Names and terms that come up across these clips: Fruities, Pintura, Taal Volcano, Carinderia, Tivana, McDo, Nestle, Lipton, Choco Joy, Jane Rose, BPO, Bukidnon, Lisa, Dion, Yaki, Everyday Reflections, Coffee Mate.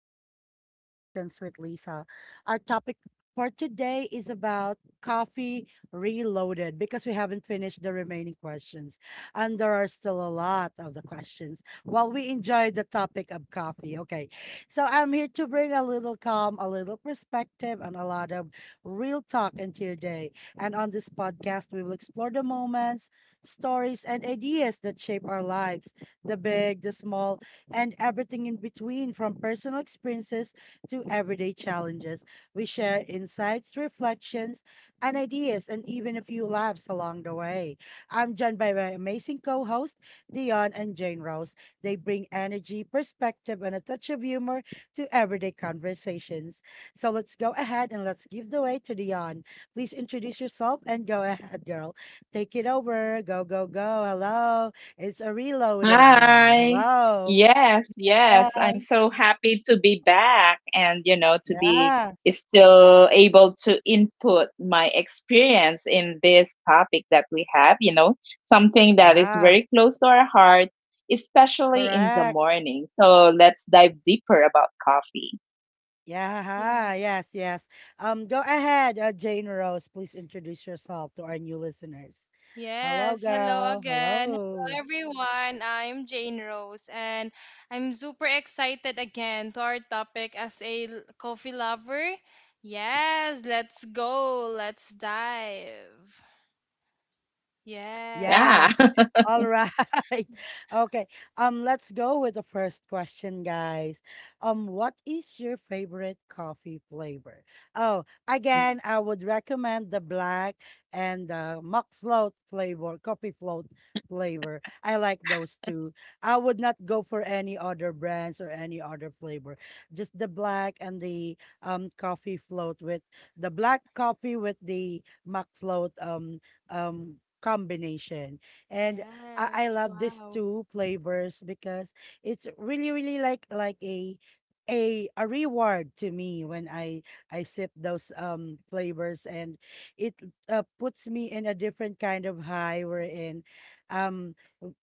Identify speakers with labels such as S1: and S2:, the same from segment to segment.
S1: to Everyday Reflections with Lisa. Our topic for today is about coffee reloaded because we haven't finished the remaining questions. And there are still a lot of the questions. Well, we enjoyed the topic of coffee. Okay. So I'm here to bring a little calm, a little perspective, and a lot of real talk into your day. And on this podcast, we will explore the moments, stories, and ideas that shape our lives, the big, the small, and everything in between, from personal experiences to everyday challenges. We share insights, reflections, and ideas, and even a few laughs along the way. I'm joined by my amazing co host, Dion and Jane Rose. They bring energy, perspective, and a touch of humor to everyday conversations. So let's go ahead and let's give the way to Dion. Please introduce yourself and go ahead, girl. Take it over. Go, go, go. Hello. It's a reloaded now.
S2: Hi.
S1: Hello.
S2: Yes,
S1: Yeah,
S2: yes. I'm so happy to be back and to be
S1: yeah,
S2: still able to input my experience in this topic that we have, something that is
S1: yeah,
S2: very close to our heart, especially in the
S1: correct.
S2: morning. So let's dive deeper about coffee.
S1: Yeah,
S3: Yes.
S1: yes, yes. Go ahead, Jane Rose. Please introduce yourself to our new listeners. Hello,
S3: Yes, hello
S1: girl.
S3: again. Hello
S1: Hello.
S3: everyone. I'm Jane Rose and I'm super excited again to our topic as a coffee lover. Yes, let's go. Let's dive.
S1: Yeah.
S2: Yeah.
S3: Yes.
S1: All right. Okay. Let's go with the first question, guys. What is your favorite coffee flavor? Oh, again, I would recommend the black and the mock float flavor, coffee float flavor. I like those two. I would not go for any other brands or any other flavor. Just the black and the coffee float with the black coffee with the mock float um combination. And I
S3: Yes.
S1: love these
S3: Wow.
S1: two flavors because it's really, really like a a reward to me when I sip those flavors and it puts me in a different kind of high we're in. Um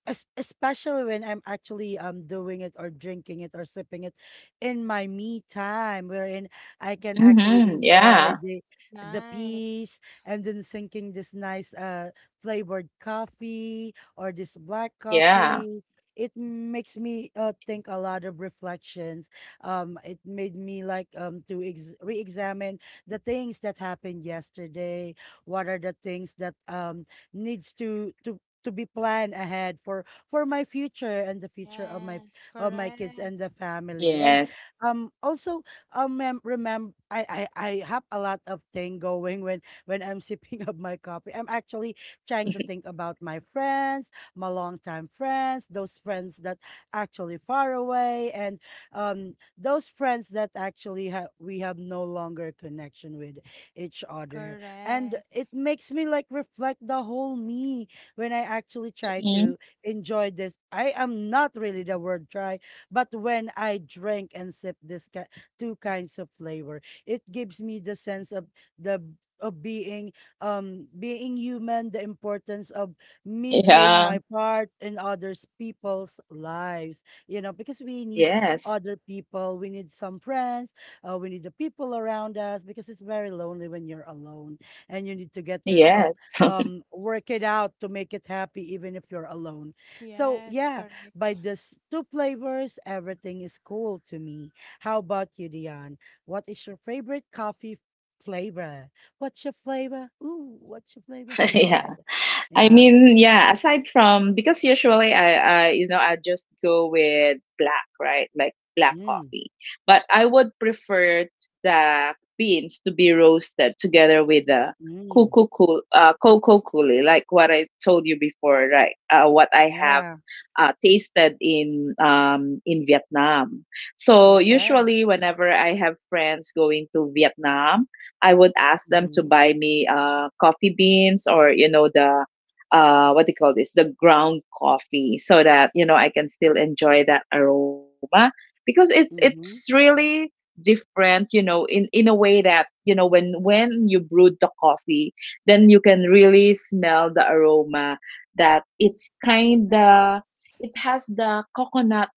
S1: Especially when I'm actually doing it or drinking it or sipping it in my me time wherein I can actually
S2: Mm-hmm.
S1: enjoy
S2: Yeah.
S1: the
S3: Nice.
S1: peace and then sinking this nice flavored coffee or this black
S2: Yeah.
S1: coffee. It makes me think a lot of reflections. It made me like to re-examine the things that happened yesterday. What are the things that needs to be planned ahead for my future and the future of my
S3: Yes,
S1: of my
S3: correct.
S1: kids and the family and
S2: Yes.
S1: also remember, I have a lot of thing going when I'm sipping up my coffee. I'm actually trying to think about my friends, my longtime friends, those friends that actually far away, and those friends that actually we have no longer connection with each other. And
S3: Correct.
S1: it makes me like reflect the whole me when I actually try to
S2: Hmm.
S1: enjoy this. I am not really the word try, but when I drink and sip this two kinds of flavor, it gives me the sense of the of being being human, the importance of me playing my
S2: Yeah.
S1: part in others people's lives, you know, because we need
S2: Yes.
S1: other people, we need some friends, we need the people around us because it's very lonely when you're alone and you need to get yourself
S2: Yes.
S1: work it out to make it happy even if you're alone. So
S3: Yes,
S1: yeah,
S3: correct.
S1: by this two flavors everything is cool to me. How about you, Dion? What is your favorite coffee flavor? What's your flavor? Ooh, what's your flavor? Go
S2: Yeah.
S1: ahead.
S2: I
S1: Yeah.
S2: mean, yeah, aside from because usually I I just go with black, right? Like black
S1: Mm,
S2: coffee. But I would prefer the beans to be roasted together with the
S1: mm.
S2: cuckoo cool, cocoa coolie, like what I told you before, right? What I have
S1: Yeah.
S2: tasted in Vietnam. So
S1: Okay.
S2: usually whenever I have friends going to Vietnam, I would ask them to
S1: Mhm,
S2: buy me coffee beans or the what do you call this, the ground coffee so that I can still enjoy that aroma, because it's
S1: mhm.
S2: really different, in a way that when you brewed the coffee, then you can really smell the aroma, that it's
S3: Yes.
S2: kinda, it has the coconut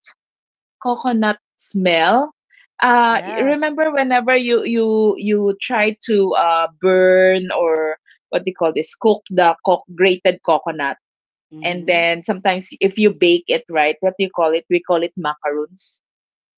S2: coconut smell.
S1: Yeah.
S2: Remember whenever you try to burn or what do you call this, cook the co grated coconut, and
S1: Mhm.
S2: then sometimes if you bake it right, what do you call it? We call it macaroons,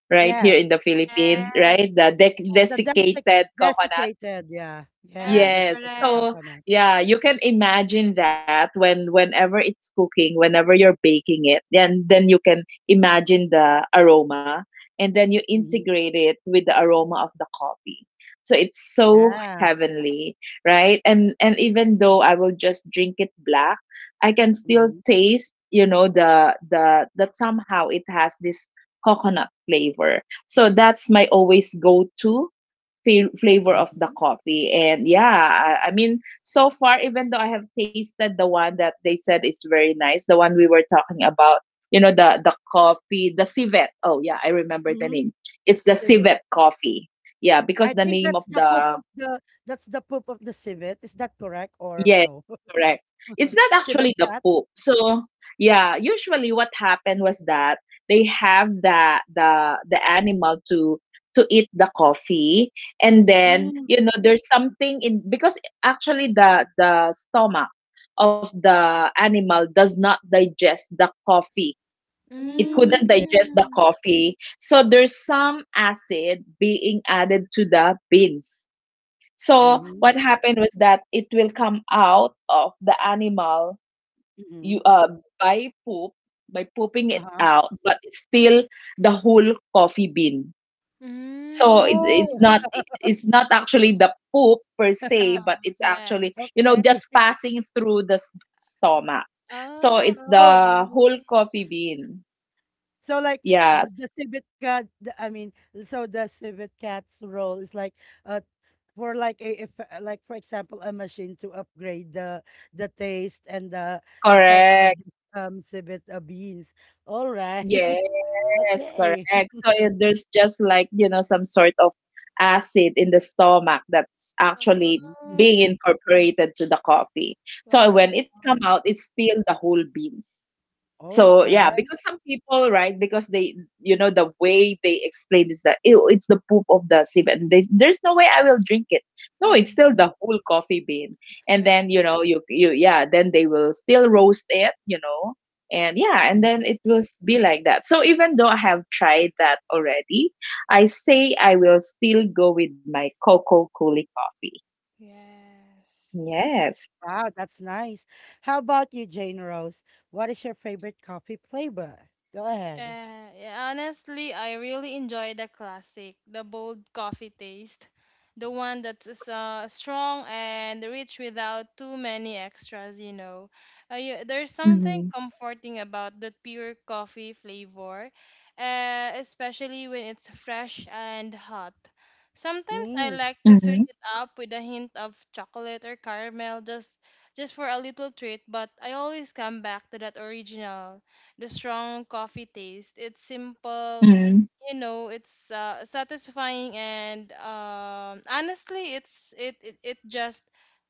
S2: right here
S1: Yes.
S2: in the Philippines,
S3: Yes.
S2: right? The
S1: The
S3: Yes.
S2: desiccated coconut.
S1: desiccated. Yeah. Yeah.
S3: Yes,
S2: Yes.
S1: Desiccated
S3: correct.
S2: So,
S1: coconut.
S2: yeah, you can imagine that whenever it's cooking, whenever you're baking it, and then you can imagine the aroma, and then you
S1: Mhm.
S2: integrate it with the aroma of the coffee. So it's so
S1: Yeah.
S2: heavenly, right? And even though I will just drink it black, I can still
S1: Mhm,
S2: taste, the that somehow it has this coconut flavor. So that's my always go-to feel flavor of the
S1: mhm,
S2: coffee. And yeah, I mean, so far, even though I have tasted the one that they said is very nice, the one we were talking about, the coffee, the civet. Oh yeah, I remember the
S1: mhm.
S2: name. It's the
S1: Civet.
S2: civet coffee. Yeah, because
S1: I
S2: the
S1: think
S2: name of
S1: that's the poop
S2: the.
S1: of the, that's the poop of the civet. Is that correct or no?
S2: Yes, correct. It's not actually
S1: Civet
S2: the
S1: cat.
S2: poop. So yeah, usually what happened was that they have the animal to eat the coffee, and then
S1: Mm,
S2: there's something in, because actually the stomach of the animal does not digest the coffee. It
S1: mm,
S2: couldn't
S1: okay.
S2: digest the
S3: Mm.
S2: coffee. So there's some acid being added to the beans,
S3: Oh.
S2: so
S1: Mhm,
S2: what happened was that it will come out of the animal you
S1: mhm.
S2: by poop by pooping it
S1: Uh-huh.
S2: out, but it's still the whole coffee bean. So it's
S3: Mm.
S1: Oh,
S2: not it's not actually the poop per se,
S3: Oh,
S2: but it's actually
S3: yes.
S1: okay.
S2: just passing through the stomach. So
S3: Oh,
S2: it's
S1: So,
S2: the whole
S3: okay.
S2: coffee bean.
S1: so like
S2: Yes,
S1: the civet cat, the, I mean, so the civet cat's role is like, uh for like a, if like for example a machine to upgrade the taste and the effect of the
S2: correct.
S1: civet, beans. All right,
S2: Yes,
S1: okay.
S2: correct. So there's just like, some sort of acid in the stomach that's actually
S1: Mm.
S2: being
S3: Oh,
S2: incorporated to the coffee. So
S3: wow.
S2: when it come out, it's still the whole beans.
S1: All
S2: So yeah,
S1: right.
S2: because some people, right? Because they, the way they explain is that, "Ew, it's the poop of the sieve," and there's no way I will drink it. No, it's
S3: Mm.
S2: still the whole coffee bean, and
S3: Yeah.
S2: then you know, you yeah, then they will still roast it, and yeah, and then
S1: Mhm.
S2: it will be like that. So even though I have tried that already, I say I will still go with my cocoa coolie coffee.
S3: Yes.
S2: Yes.
S1: Wow, that's nice. How about you, Jane Rose? What is your favorite coffee flavor? Go ahead.
S3: Yeah, honestly, I really enjoy the classic, the bold coffee taste, the one that's strong and rich without too many extras, you know. There's
S2: Mm-hmm.
S3: something comforting about the pure coffee flavor, especially when it's fresh and hot. Sometimes I
S1: Mm,
S3: like to
S2: Mm-hmm.
S3: switch it up with a hint of chocolate or caramel just for a little treat, but I always come back to that original the strong coffee taste. It's simple, you know it's satisfying and honestly it's it,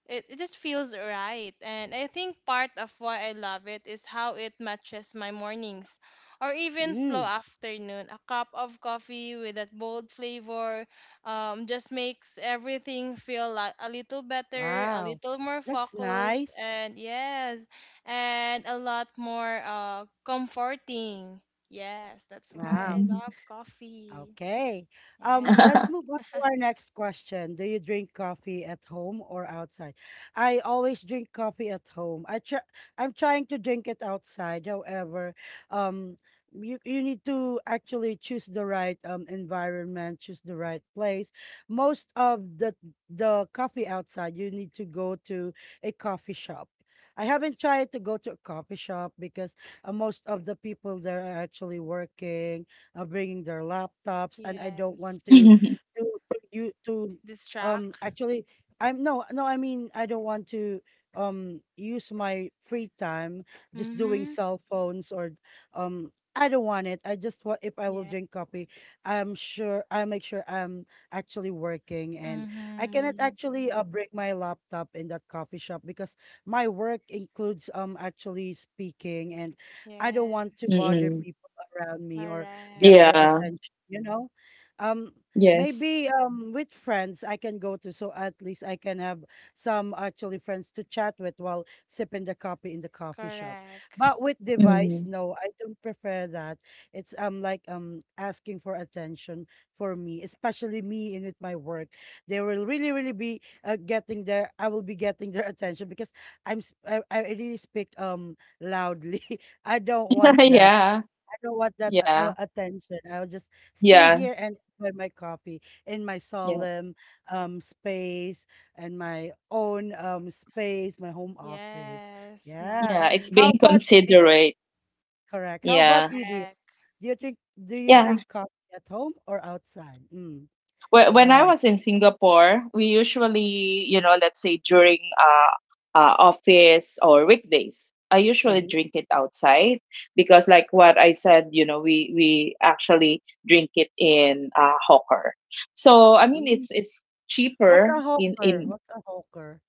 S3: it, it just feels right, and I think part of why I love it is how it matches my mornings or even slow
S1: mm,
S3: afternoon. A cup of coffee with that bold flavor just makes everything feel like a little better, a
S1: wow,
S3: little more
S1: that's
S3: focused,
S1: nice.
S3: and yes and a lot more comforting. Yes, that's why I
S1: Wow.
S2: Mm-hmm.
S3: love coffee.
S1: Okay.
S3: Yes.
S1: Let's move on to our next question. Do you drink coffee at home or outside? I always drink coffee at home. I try, I'm trying to drink it outside. However, um you, you need to actually choose the right environment, choose the right place. Most of the coffee outside, you need to go to a coffee shop. I haven't tried to go to a coffee shop because most of the people there are actually working, bringing their laptops, and I don't want
S3: Yes.
S1: to to you to
S3: This track.
S1: actually I'm no, I mean I don't want to use my free time just doing
S3: Mm-hmm.
S1: cell phones or I don't want it. I just want, if I will
S3: Yeah.
S1: drink coffee, I make sure I'm actually working and I cannot
S3: Mm-hmm.
S1: actually break my laptop in that coffee shop because my work includes actually speaking and I don't want to
S3: Yes.
S1: bother
S2: Mm-hmm.
S1: people around me or get
S3: Correct.
S1: their
S2: Yeah.
S1: attention, you know? Um,
S2: Yes.
S1: Maybe with friends I can go to, so at least I can have some actually friends to chat with while sipping the coffee in the coffee shop.
S3: Correct.
S1: But with device,
S2: Mhm.
S1: no, I don't prefer that. It's like asking for attention for me, especially me in with my work. They will really, really be getting their I will be getting their attention because I'm s- I, am I really speak loudly. I don't want that,
S2: Yeah.
S1: don't want that a-
S2: Yeah.
S1: a- attention. I will just stay
S2: Yeah.
S1: here and enjoy my coffee in my
S2: Yeah.
S1: solemn space and my own space, my home office.
S3: Yes.
S1: Yeah.
S2: Yeah. It's
S1: How
S2: being
S3: Nice.
S1: about eh,
S2: considerate.
S1: correct? How about
S2: Yeah.
S1: you, dear?
S3: Correct.
S1: Do you drink, do you
S2: Yeah.
S1: drink coffee at home or outside? Mm.
S2: When
S1: Go
S2: when I
S1: ahead.
S2: was in Singapore, we usually, let's say during office or weekdays, I usually
S1: Mm-hmm.
S2: drink it outside, because, like what I said, we actually drink it in hawker. So I mean,
S1: Mm.
S2: it's
S1: What's
S2: cheaper
S1: a
S2: in
S1: hawker?
S2: in
S1: What's a hawker?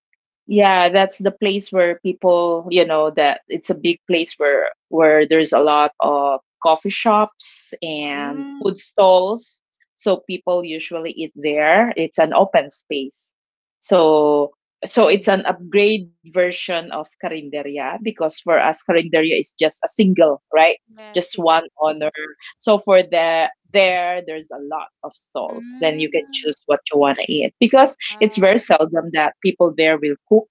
S2: Yeah, that's the place where people, that it's a big place where there's a lot of coffee shops and
S1: Mm.
S2: food stalls. So people usually eat there. It's an open space. So it's
S1: Hey.
S2: an upgrade version of Carinderia, because for us Carinderia is just a single, right?
S3: Yes,
S2: Just one
S3: yes.
S2: honor. So for the there's a lot of stalls. Then you can
S3: Mm.
S2: choose what you want to eat, because it's very
S3: Wow.
S2: seldom that people there will cook,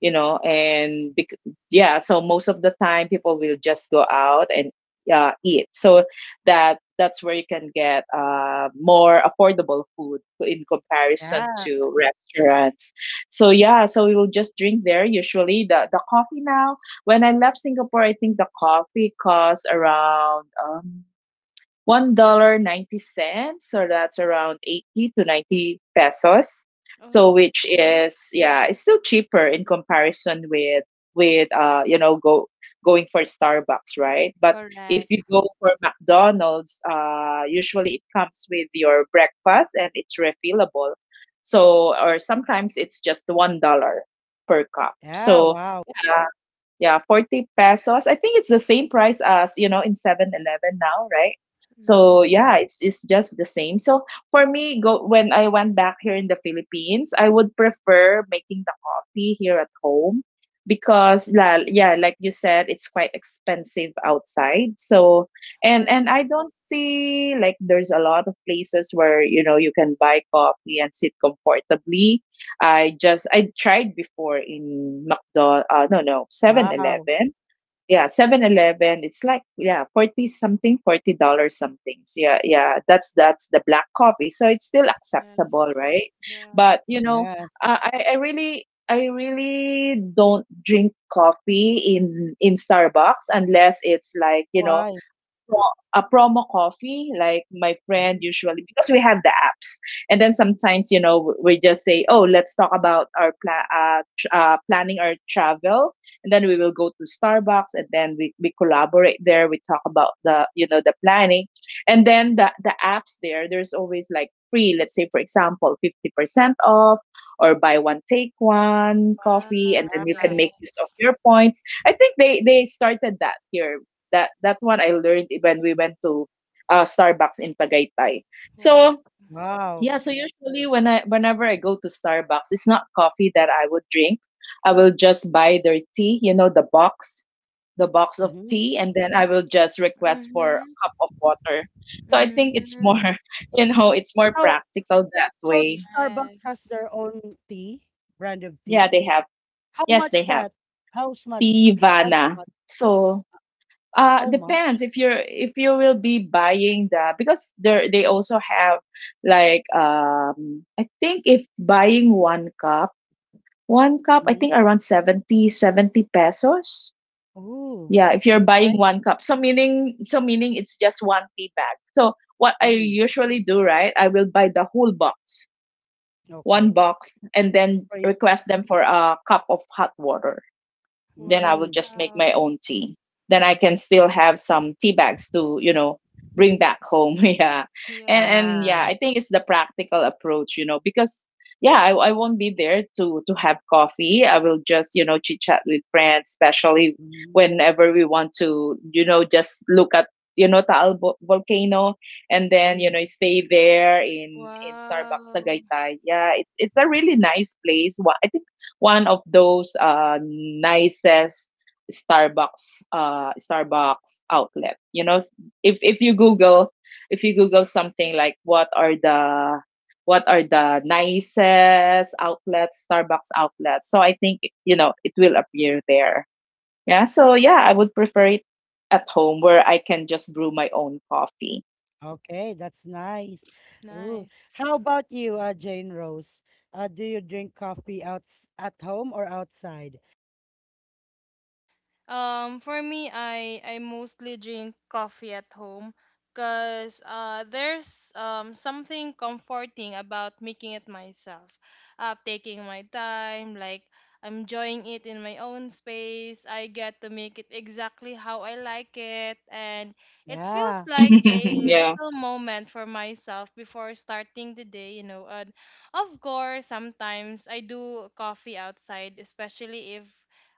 S2: and yeah, so most of the time people will just go out and eat, so that that's where you can get more affordable food in comparison
S1: Yeah.
S2: to restaurants. So yeah, so we will just drink there usually the coffee. Now when I left Singapore, I think the coffee costs around $1.90, so that's around 80 to 90 pesos. So
S3: Oh,
S2: which is, yeah, it's still cheaper in comparison with go going for Starbucks, right? But if you
S3: correct.
S2: go for McDonald's, usually it comes with your breakfast and it's refillable. So or sometimes it's just $1 per cup.
S1: Yeah.
S2: So
S1: Wow.
S2: yeah, yeah, 40 pesos. I think it's the same price as, in 7-Eleven now, right?
S3: Mm-hmm.
S2: So yeah, it's just the same. So for me, go when I went back here in the Philippines, I would prefer making the coffee here at home, because yeah, like you said, it's quite expensive outside. So and
S3: Correct.
S2: and I don't see like there's a lot of places where you can buy coffee and sit comfortably. I tried before in McDonald, no, no, Seven
S1: Wow.
S2: Eleven. Yeah, 7-Eleven. It's like, yeah, 40 something, $40 something. So yeah, yeah, that's the black coffee. So it's still acceptable,
S3: Yes.
S2: right?
S3: Yes.
S2: But
S1: Yeah.
S2: I really don't drink coffee in Starbucks, unless it's like,
S1: Why?
S2: a promo coffee, like my friend
S1: Mhm.
S2: usually, because we have the apps. And then sometimes, we just say, "Oh, let's talk about our planning our travel." And then we will go to Starbucks, and then we collaborate there, we talk about the you know the planning, and then the apps there's always like free, let's say for example 50% off, or buy one take one coffee,
S3: Wow.
S2: and then you
S1: Yeah.
S2: can make use of
S3: Yes.
S2: your points. I think they started that here. That one I learned when we went to Starbucks in Tagaytay.
S3: Wow.
S2: So
S1: Wow.
S2: yeah, so usually when I whenever I go to Starbucks, it's not coffee that I would drink. I will just buy their tea, you know, the box of
S1: Mhm.
S2: tea, and then I will just request for a
S3: Mm-hmm.
S2: cup of water. So I think it's
S3: Mm-hmm.
S2: more, it's more
S1: So,
S2: practical that
S1: so
S2: way.
S1: Starbucks has
S3: Yes.
S1: their own tea, brand of
S2: Yeah,
S1: tea?
S2: they have.
S1: How
S2: Yes,
S1: much
S2: they have.
S1: that? How much? How
S2: Tivana.
S1: much?
S2: So
S1: How much?
S2: depends, if you will be buying, the because there they also have like, I think if buying one cup, 1 cup, I
S1: Mhm.
S2: think around seventy pesos.
S1: Oh,
S2: Yeah, if you're
S1: okay.
S2: buying 1
S1: Pricey.
S2: cup. So meaning, it's just 1 tea bag. So what I
S1: Mm,
S2: usually do, right? I will buy the whole box, one
S1: okay.
S2: box, and then
S1: For you
S2: request them
S1: to, okay.
S2: for a cup of hot water, then I will
S1: Mm,
S2: just make my
S3: Wow.
S2: own tea. Then I can still have some tea bags to, bring back home. Yeah. And
S3: Yeah.
S2: and yeah,
S1: ah.
S2: I think it's the practical approach, because yeah, I won't be there to have coffee. I will just, chit chat with friends, especially
S1: Mm,
S2: whenever we want to, just look at, Taal volcano, and then
S1: mm.
S2: stay there in Starbucks
S3: Wow.
S2: Tagaytay. Yeah, it's a really nice place. I think one of those nicest Starbucks, outlet. You know, if you Google, something like, what are the, nicest outlets, Starbucks outlets. So I think it will appear there. Yeah. So yeah, I would prefer it at home, where I can just brew my own coffee.
S1: Okay, that's nice. Ooh.
S3: Nice.
S1: How about you, Jane Rose? Do you drink coffee outs at home or outside?
S3: For me, I mostly drink coffee at home, cause there's something comforting about making it myself, taking my time, like I'm enjoying it in my own space. I get to make it exactly how I like it, and it feels
S1: Yeah.
S3: like
S2: Yeah.
S3: a little moment for myself before starting the day, you know. And of course, sometimes I do coffee outside, especially if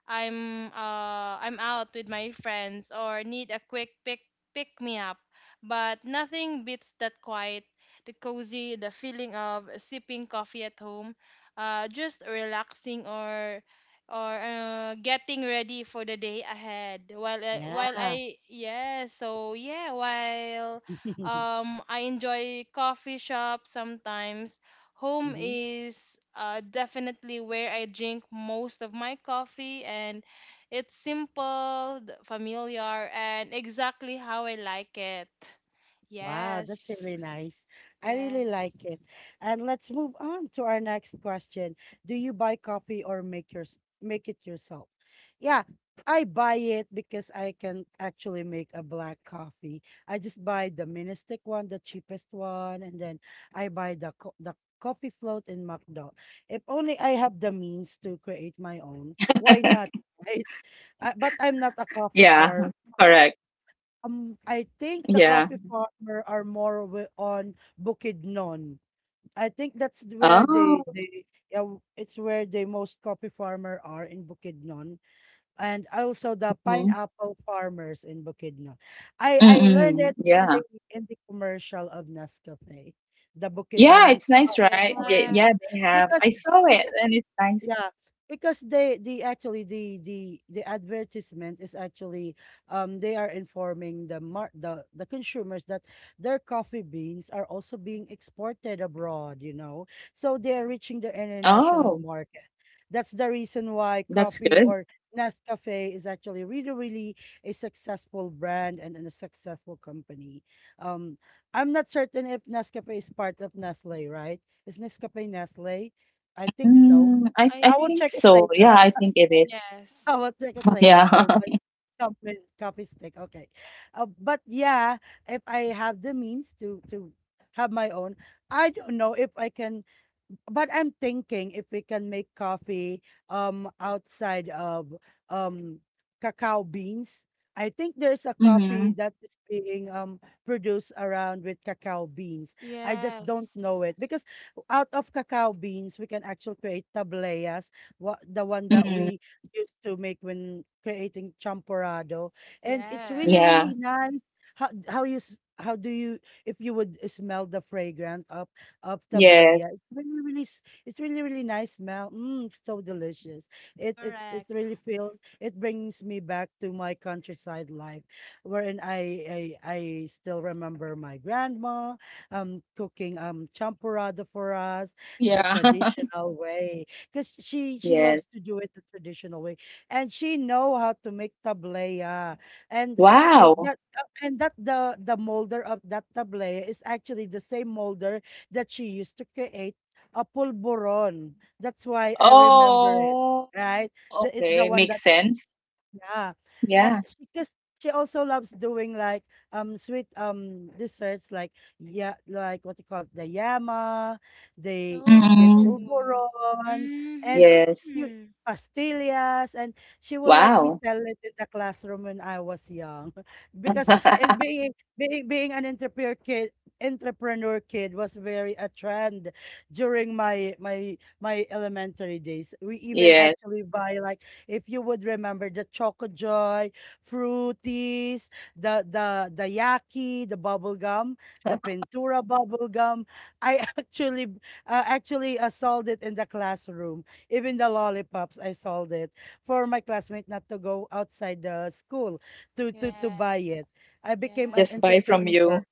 S3: I'm out with my friends or need a quick pick me up. But nothing beats that quiet, the cozy, the feeling of sipping coffee at home, just relaxing or getting ready for the day ahead. While
S1: Yeah.
S3: I yeah, so yeah, while I enjoy coffee shop sometimes. Home
S1: Mhm.
S3: is definitely where I drink most of my coffee, and it's simple, familiar, and exactly how I like it.
S1: Wow, that's
S3: Yes.
S1: really nice. I
S3: Yes.
S1: really like it. And let's move on to our next question. Do you buy coffee or make it yourself? Yeah, I buy it because I can actually make a black coffee. I just buy the mini stick one, the cheapest one, and then I buy the coffee float in McDo. If only I have the means to create my own, why not, right? But I'm not a
S2: Yeah.
S1: coffee par
S2: Correct.
S1: I think
S2: Yeah.
S1: the coffee farmer are more on Bukidnon. I think that's where
S2: Oh.
S1: they, yeah, it's where the most coffee farmer are in Bukidnon, and also the pineapple farmers in Bukidnon. I learned
S2: Mm-mm.
S1: it in the
S2: Yeah.
S1: in the commercial of Nescafe, the
S2: Yeah,
S1: Bukidnon
S2: it's nice,
S1: coffee
S2: right? Yeah,
S1: farmers,
S3: Yes.
S2: yeah, they have.
S1: because
S2: I saw it
S1: because
S2: and it's nice.
S1: yeah, because they the actually the advertisement is actually they are informing the consumers that their coffee beans are also being exported abroad, you know. So they are reaching the
S2: Oh,
S1: international market. That's the reason why
S2: that's good.
S1: coffee or Nescafe is actually really, really a successful brand, and a successful company. Um, I'm not certain if Nescafe is part of Nestle, right? Is Nescafe Nestle? I think
S2: I
S1: so.
S2: I think
S3: I
S1: I will
S3: think
S2: so.
S1: check it
S2: Yeah, I
S1: later.
S2: think it is.
S1: I
S3: yes.
S1: will check it
S2: Yeah.
S1: later. I will buy some coffee stick. Okay. But yeah, if I have the means to have my own, I don't know if I can, but I'm thinking if we can make coffee outside of um cacao beans. I think there's a coffee
S2: Mm-hmm.
S1: that is being produced around with cacao beans. I just don't know
S3: Yes.
S1: it because out of cacao beans we can actually create tableas, the one that
S2: Mm-hmm.
S1: we used to make when creating champorado. And it's really,
S3: Yes.
S1: really
S2: Yeah.
S1: nice. How do you, if you would smell the fragrance of tablea?
S2: Yes.
S1: It's really, it's really, really nice smell. Mm, so delicious. It
S3: Correct.
S1: really feels, it brings me back to my countryside life, wherein I still remember my grandma cooking champorado for us the
S2: Yeah.
S1: traditional way because she
S2: Yes.
S1: loves to do it the traditional way, and she know how to make tableya, and oh,
S2: Wow.
S1: that and that the molder of that tableya is actually the same molder that she used to create a pulburon. That's why I remember it,
S2: Oh,
S1: right? The
S2: okay.
S1: one that,
S2: Makes sense.
S1: yeah. Uh,
S2: Yeah.
S1: because she also loves doing like sweet desserts like yeah, like what you call it, the yama, the
S2: Mm-hmm.
S3: Oh.
S1: pulboron and
S2: Yes.
S1: you
S3: Mm-hmm.
S1: pastillas, and she will let me
S2: Wow.
S1: sell it in the classroom when I was young because and being an entrepreneur kid. Entrepreneur kid was very a trend during my my elementary days. We even
S2: Yes.
S1: actually buy like, if you would remember, the Choco Joy, Fruities, the the Yaki, the bubble gum, the Pintura bubble gum. I actually sold it in the classroom. Even the lollipops, I sold it for my classmate not to go outside the school to buy
S3: Yes.
S1: it. I
S3: Yeah.
S1: became an
S2: Just buy from
S1: entrepreneur,
S2: you.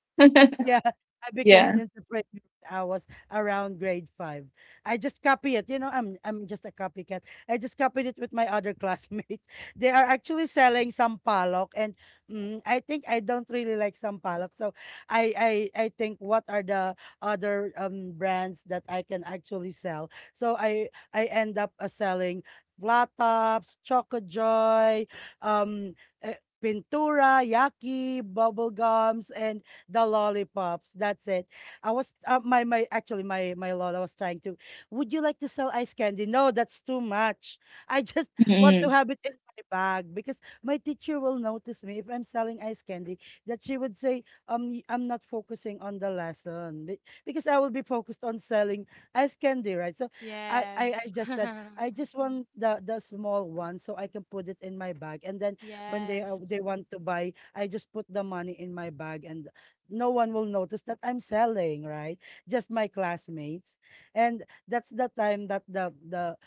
S1: yeah, I became an
S2: Yeah.
S1: entrepreneur when I was around grade five. I just copy it. You know, I'm just a copycat. I just copied it with my other classmates. They are actually selling sampalok, and mm, I think I don't really like sampalok. So I think, what are the other brands that I can actually sell? So I end up selling flat tops, choco joy, um. Pintura, Yaki, bubble gums, and the lollipops. That's it. I was my my actually my my lola was trying to. Would you like to sell ice candy? No, that's too much. I just want to
S2: Mm-hmm.
S1: have it in my bag because my teacher will notice me if I'm selling ice candy. That she would say, I'm not focusing on the lesson because I will be focused on selling ice candy, right? So I
S3: Yes.
S1: just said I just want the small one so I can put it in my bag, and then when
S3: Yes.
S1: they want to buy, I just put the money in my bag, and no one will notice that I'm selling, right? Just my classmates. And that's the time that the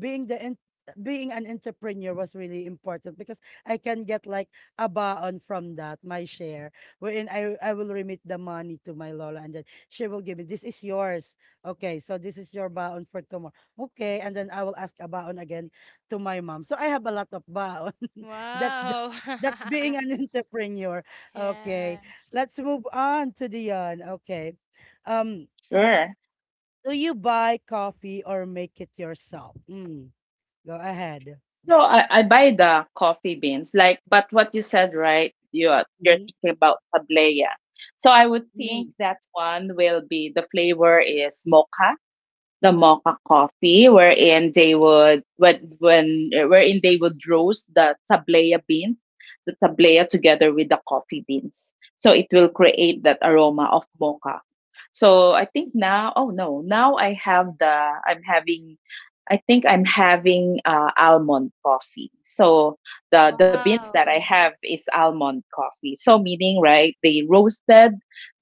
S1: being being an entrepreneur was really important, because I can get like a baon from that, my share, wherein I will remit the money to my Lola, and then she will give me, this is yours. Okay, so this is your baon for tomorrow. Okay, and then I will ask a baon again to my mom. So I have a lot of baon. that's the,
S3: Wow.
S1: that's being an entrepreneur. Okay.
S3: Yes.
S1: Let's move on to Dion. Okay. Um
S2: Sure.
S1: do you buy coffee or make it yourself? Mm. Go ahead.
S2: So I buy the coffee beans, like, but what you said, right? You're
S1: Mhm,
S2: thinking about tablea. So I would think
S1: mhm,
S2: that one will be, the flavor is mocha, the mocha coffee, wherein they would, roast the tablea beans, the tablea together with the coffee beans. So it will create that aroma of mocha. So I think now, oh no, now I have the I'm having I'm having almond coffee. So the beans that I
S3: Wow.
S2: have is almond coffee. So meaning, right, they roasted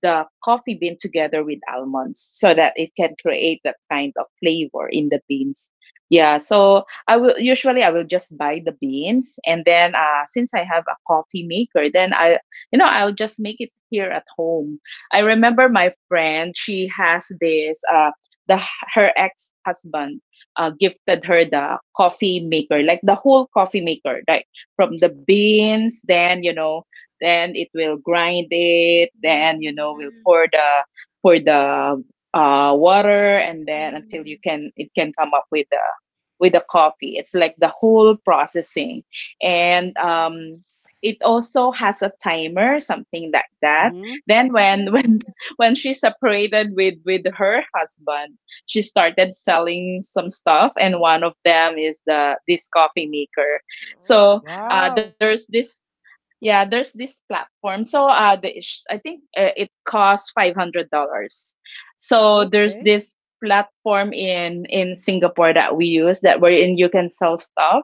S2: the coffee bean together with almonds so that it can create that kind of flavor in the beans. Yeah, so I will just buy the beans, and then since I have a coffee maker, then I'll just make it here at home. I remember my friend, she has this the her ex-husband gifted her the coffee maker, like the whole coffee maker, like from the beans, then, you know, then it will grind it, then, you know, we'll
S3: Mhm.
S2: pour the water, and then until you
S3: Mhm.
S2: can it can come up with the coffee. It's like the whole processing, and
S3: Yes.
S2: it also has a timer, something like that.
S1: mhm.
S2: Then when
S3: Mhm.
S2: when she separated with her husband, she started selling some stuff, and one of them is the this coffee maker.
S3: Wow.
S2: So uh,
S1: Wow!
S2: there's this yeah, there's this platform. So I think it costs $500. So there's
S1: Okay.
S2: this platform in Singapore that we use, that wherein you can sell stuff,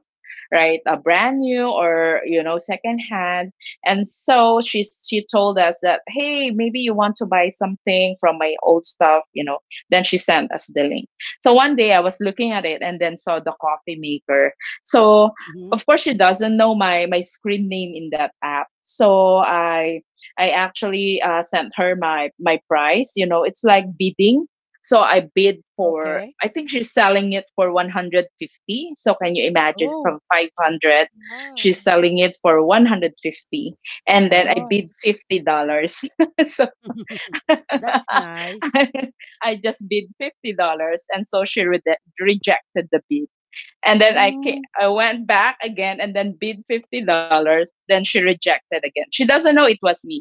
S2: right? A brand new or, you know, second hand. And so she told us that, hey, maybe you want to buy something from my old stuff, you know. Then she sent us the link. So one day I was looking at it and then saw the coffee maker. So
S1: Mhm.
S2: of course she doesn't know my screen name in that app, so I actually sent her my price, you know, it's like bidding. So I bid for,
S1: Okay.
S2: I think she's selling it for 150. So can you imagine,
S1: Oh,
S2: from 500 she's
S3: Wow.
S2: selling it for 150, and then
S3: Oh.
S2: I
S1: wow.
S2: bid $50. So
S1: That's nice.
S2: I just bid $50, and so rejected the bid. And then
S1: Mm.
S2: I went back again and then bid $50. Then she rejected again. She doesn't know it was me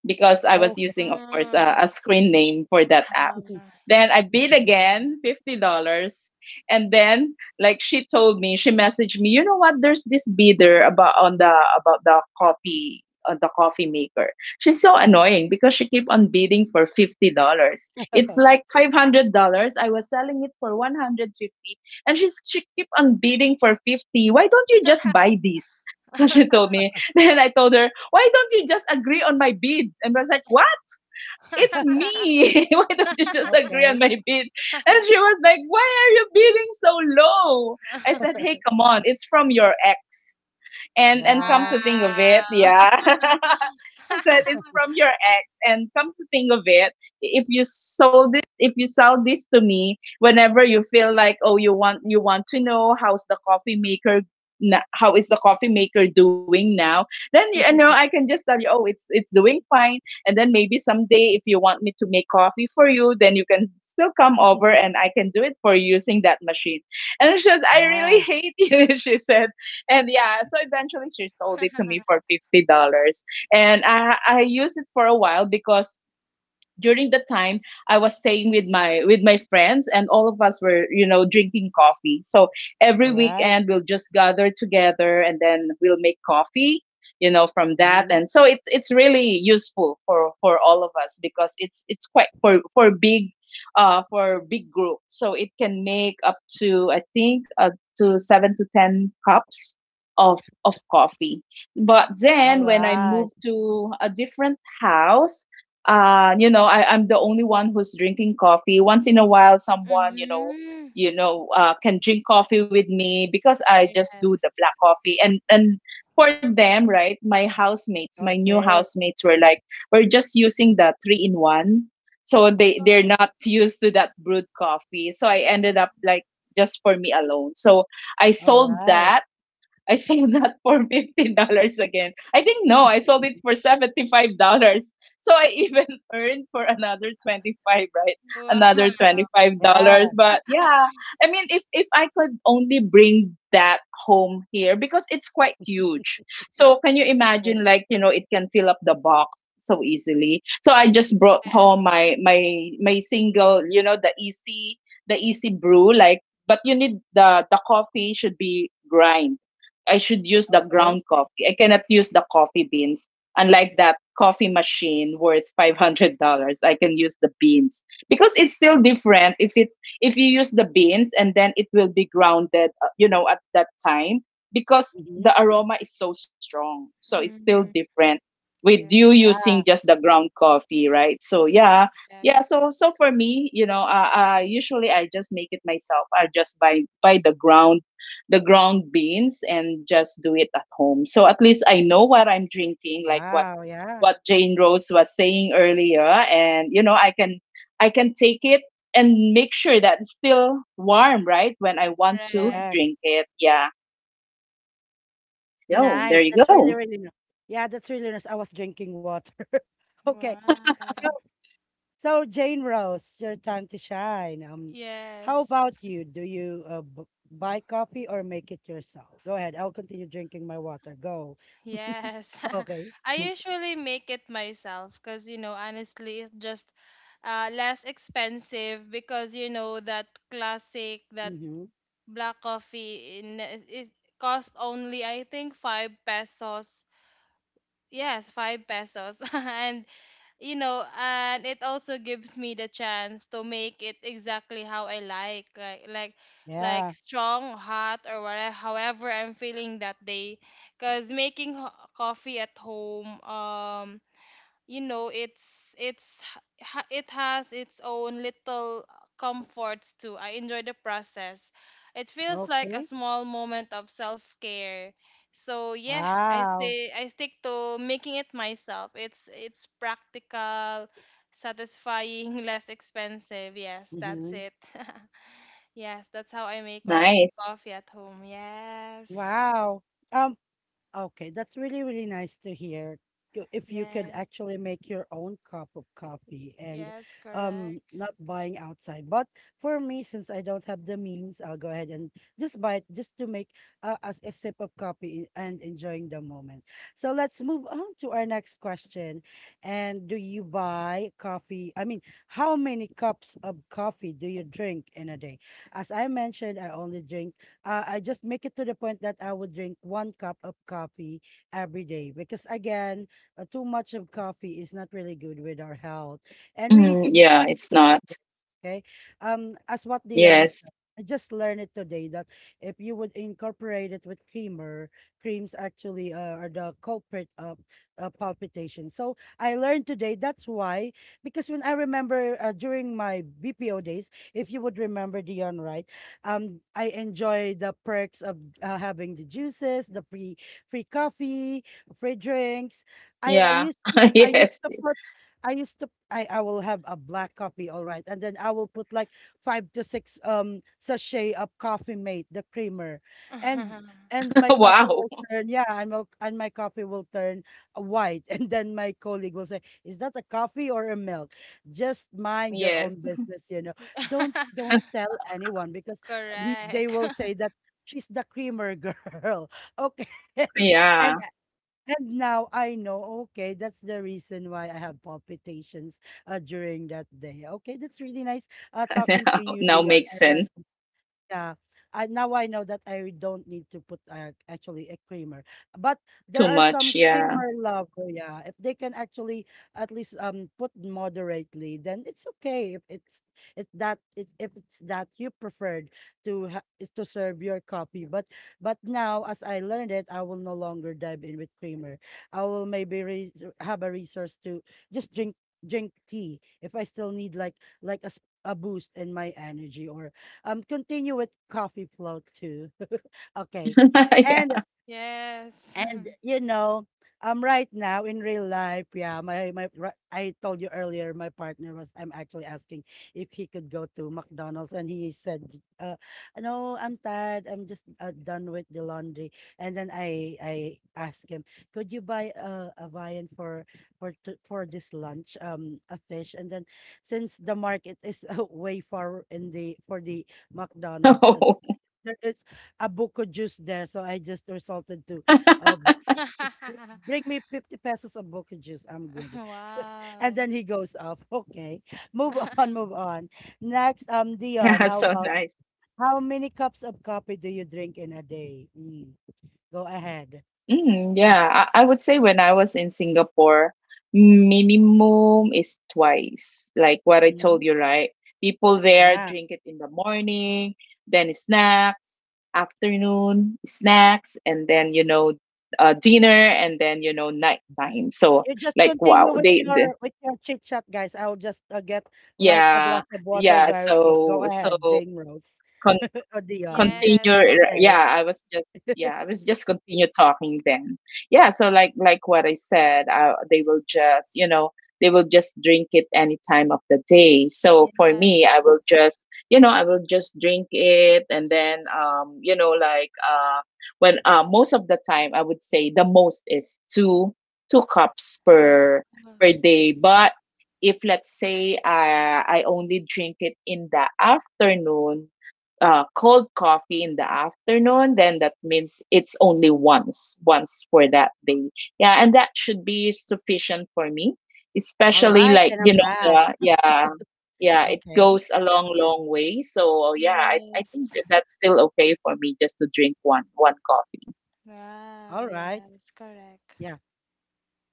S2: because I was
S1: Okay.
S2: using, of course,
S3: Ah,
S2: a screen name for that app.
S3: ah,
S2: Then I bid
S3: yes.
S2: again, $50. And then, like she told me, she messaged me, you know what, there's this bidder about the coffee, on the coffee maker. She's so annoying because she keep on bidding for $50. It's like $500. I was selling it for 150, and she keep on bidding for 50. Why don't you just buy this? So she told me, then I told her, why don't you just agree on my bid? And I was like, what? It's me. Why don't you just agree on
S1: Okay.
S2: my bid? And she was like, why are you bidding so low? I said, hey, come on. It's from your ex, and come
S1: Yeah,
S2: to think of it,
S3: Wow.
S2: yeah. I said, it's from your ex, and come to think of it, if you sell this to me, whenever you feel like, oh, you want to know how's the coffee maker, how is the coffee maker doing now, then, you know, I can just tell you, oh, it's doing fine. And then maybe someday, if you want me to make coffee for you, then you can still come over, and I can do it for you using that machine. And she said, I really
S1: yeah.
S2: hate you. She said, and yeah, so eventually she sold it to me for $50, and I used it for a while because during the time I was staying with my friends, and all of us were, you know, drinking coffee. So every
S1: All right.
S2: weekend we'll just gather together, and then we'll make coffee, you know, from that.
S1: Mhm.
S2: And so it's really useful for all of us because it's quite for big group. So it can make up to, I think, up to 7 to 10 cups of coffee. But
S1: All
S2: then when I
S1: right.
S2: moved to a different house, you know, I'm the only one who's drinking coffee. Once in a while someone, you know,
S3: Mhm.
S2: can drink coffee with me because I just do the
S3: Yes.
S2: black coffee. And for them, right, my housemates, my new
S1: Okay.
S2: housemates were like, we're just using the three in one. So they they're
S3: Oh.
S2: not used to that brewed coffee, so I ended up
S3: ah,
S2: like just for me alone. So I
S1: All
S2: sold
S1: right.
S2: that. I sold that for $50 again. I think, no, I sold it for $75. So I even earned for another 25, right? Another
S3: Wow.
S2: twenty five
S1: Yeah.
S2: dollars. But yeah, I mean, if I could only bring that home here because it's quite huge. So can you imagine,
S1: Okay.
S2: like, you know, it can fill up the box so easily. So I just brought
S3: Yes.
S2: home my single, you know, the easy brew, like, but you need the coffee should be grind. I should use the
S1: Okay.
S2: ground coffee. I cannot use the coffee beans. Unlike that coffee machine worth $500, I can use the beans, because it's still different. If it's if you use the beans, and then it will be grounded, you know, at that time, because the
S1: Mhm.
S2: aroma is so strong. So it's still
S3: Mhm.
S2: different with you
S3: Yeah.
S2: using
S1: Yeah.
S2: just the ground coffee, right? So yeah, yeah.
S3: Correct.
S2: So so for me, you know, usually I just make it myself. I just buy the ground beans and just do it at home. So at least I know what I'm drinking, like
S1: Wow. Yeah.
S2: what Jane Rose was saying earlier, and, you know, I can take it and make sure that it's still warm, right? When I want to
S1: Correct.
S3: Correct.
S2: drink it, yeah. So there
S1: Nice.
S2: you
S1: That's
S2: go.
S1: really, really nice. Yeah, that's really nice. I was drinking water. Okay.
S3: Wow.
S1: So, so, Jane Rose, your time to shine. How
S3: Yes.
S1: about you? Do you buy coffee or make it yourself? Go ahead. I'll continue drinking my water. Go.
S3: Yes.
S1: Okay.
S3: I
S2: Mm.
S3: usually make it myself because, you know, honestly, it's just less expensive because, you know, that classic, that
S1: Mm-hmm.
S3: black coffee in, is cost only, I think, 5 pesos. Yes, 5 pesos. And you know, and it also gives me the chance to make it exactly how I like,
S1: Yeah.
S3: strong, hot, or whatever. However, I'm feeling that day, cause making coffee at home, you know it has its own little comforts too. I enjoy the process. It feels like a
S1: Okay.
S3: small moment of self-care, so yeah, i
S1: Wow.
S3: stay i stick to making it myself. It's practical, satisfying, less expensive. Yes, that's
S1: Mm-hmm.
S3: it. Yes, that's how I make my own
S2: Nice.
S3: coffee at home. yes
S1: Wow. Um, Okay, that's really, really nice to hear. If you could
S3: yes
S1: actually make your own cup of coffee
S3: y-
S1: and
S3: yes correct.
S1: not buying outside. But for me, since I don't have the means, I'll go ahead and just buy it just to make a sip of coffee and enjoying the moment. So let's move on to our next question. And do you buy coffee? I mean, how many cups of coffee do you drink in a day? As I mentioned, I only drink I just make it to the point that I would drink one cup of coffee every day, because again, too much of coffee is not really good with our health, and
S2: Mm,
S1: we need to
S2: yeah,
S1: be
S2: it's
S1: conscious.
S2: not.
S1: Okay. As what Dion
S2: Yes.
S1: said, I just learned it today that if you would incorporate it with creamer, creams actually are the culprit of palpitation. So I learned today. That's why, because when I remember during my BPO days, if you would remember, Dion, right? I enjoy the perks of having the juices, the free coffee, free drinks. I
S2: Yeah.
S1: used to I used
S2: Yes.
S1: to I used to I will have a black coffee, all right. And then I will put like five to six sachet of coffee mate, the creamer. And my coffee
S2: Wow.
S1: will turn, yeah, and my coffee will turn white. And then my colleague will say, is that a coffee or a milk? Just mind your own
S2: Yes.
S1: business, you know. Don't tell anyone because mm, they
S3: Correct.
S1: will say that she's the creamer girl. Okay. and
S2: Yeah.
S1: and now I know, okay, that's the reason why I have palpitations during that day. Okay, that's really nice talking
S2: Now,
S1: to you,
S2: now
S1: Dion.
S2: makes
S1: I learned,
S2: sense.
S1: yeah. I Now I know that I don't need to put actually a creamer. But there
S2: Too
S1: are
S2: much.
S1: some
S2: Yeah.
S1: creamer lover, yeah. If they can actually at least put moderately, then it's okay. If it's it's that it's If it's that you preferred to ha is to serve your coffee. But now, as I learned it, I will no longer dive in with creamer. I will maybe re have a resource to just drink drink tea if I still need like like a s- a boost in my energy, or continue with coffee float too. Okay. And
S2: Yeah.
S3: Yes.
S1: you know, right now in real life, yeah, I told you earlier, my partner was, I'm actually asking if he could go to McDonald's, and he said, no, I'm tired. I'm just done with the laundry. And then I asked him, could you buy a viand for for this lunch, a fish? And then since the market is way far in the for the McDonald's.
S2: Oh.
S1: There is a buko juice there, so I just resulted to uh, bring me 50 pesos of boca juice. I'm good. And
S3: Wow.
S1: then he goes off. Okay. Move on, move on. Next, Dion,
S2: Yeah, so nice.
S1: how many cups of coffee do you drink in a day? Mm, go ahead.
S2: Mm, yeah, I would say when I was in Singapore, minimum is twice. Like what I told
S1: Mhm.
S2: you, right? People there
S1: Yeah.
S2: drink it in the morning, then snacks, afternoon snacks, and then, you know, dinner, and then, you know,
S1: Mhm.
S2: nighttime. So
S1: You just
S2: like, wow,
S1: continue with
S2: they, the
S1: your chit chat, guys. I'll just get like a
S2: yeah,
S1: glass of water
S2: yeah.
S1: very quick. Go
S2: So
S1: ahead,
S2: so
S1: Jane Rose
S2: con,
S1: or Dion.
S3: Yes.
S2: continue.
S1: Okay.
S2: Yeah, I was just, yeah, I was just continue talking then. Yeah, so like what I said, they will just, you know, they will just drink it any time of the day. So for
S3: Yes.
S2: me, I will just, you know, I will just drink it, and then, you know, like when most of the time I would say the most is two cups
S3: Oh,
S2: per
S3: oh,
S2: per day. But if let's say I only drink it in the afternoon, cold coffee in the afternoon, then that means it's only once, once for that day. Yeah, and that should be sufficient for me,
S1: All
S2: especially
S1: right,
S2: like,
S1: and
S2: you
S1: I'm
S2: know,
S1: back.
S2: the, yeah, yeah, it
S1: Okay.
S2: goes a long, long way. So, yeah, I think
S3: yes.
S2: that that's still okay for me, just to drink one, one coffee.
S3: Wow.
S1: All right.
S3: Yes. Correct.
S1: Yeah.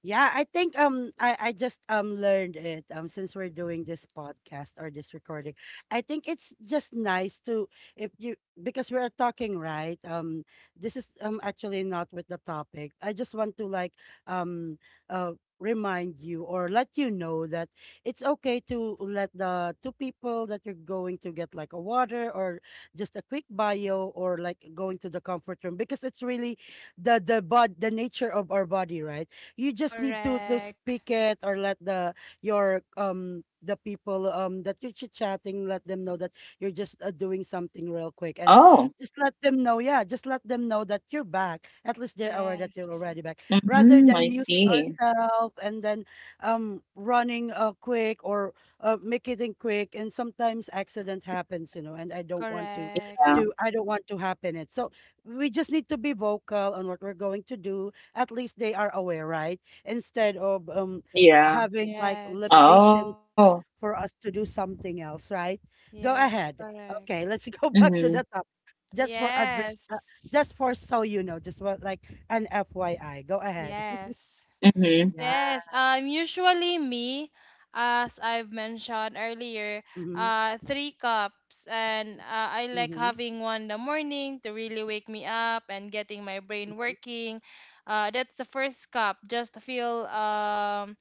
S1: Yeah, I think I just learned it since we're doing this podcast or this recording. I think it's just nice to, if you, because we are talking, right, this is actually not with the topic. I just want to like um remind you or let you know that it's okay to let the two people that you're going to get like a water or just a quick bio or like going to the comfort room, because it's really the nature of our body, right? You just need to
S3: Correct.
S1: speak it or let the your the people that you're chit chatting, let them know that you're just doing something real quick,
S2: Oh.
S1: and just let them know, yeah, just let them know that you're back, at least they're aware that
S3: Yes.
S1: you're already back, rather
S2: Mm-hmm, I
S1: than muting
S2: see.
S1: ourselves and then running quick, or make it in quick, and sometimes accident happens, you know, and I don't want
S3: Correct.
S2: Yeah,
S1: to I don't want to happen it. So we just need to be vocal on what we're going to do, at least they are aware, right? Instead of
S2: yeah.
S1: having like
S3: Yes.
S2: Oh,
S1: limitation for us to do something else, right? Go
S3: Yes.
S1: ahead.
S3: Correct.
S1: Okay, let's go
S2: mm-hmm,
S1: back to the top. Just for advice,
S3: Yes.
S1: just for so you know, just what like an FYI. Go ahead.
S3: Yes.
S2: mm-hmm,
S1: Yeah.
S3: Yes, usually me, as I've mentioned earlier,
S1: Mm-hmm.
S3: three cups, and I like
S1: Mm-hmm.
S3: having one in the morning to really wake me up and getting my brain working. That's the first cup, just to feel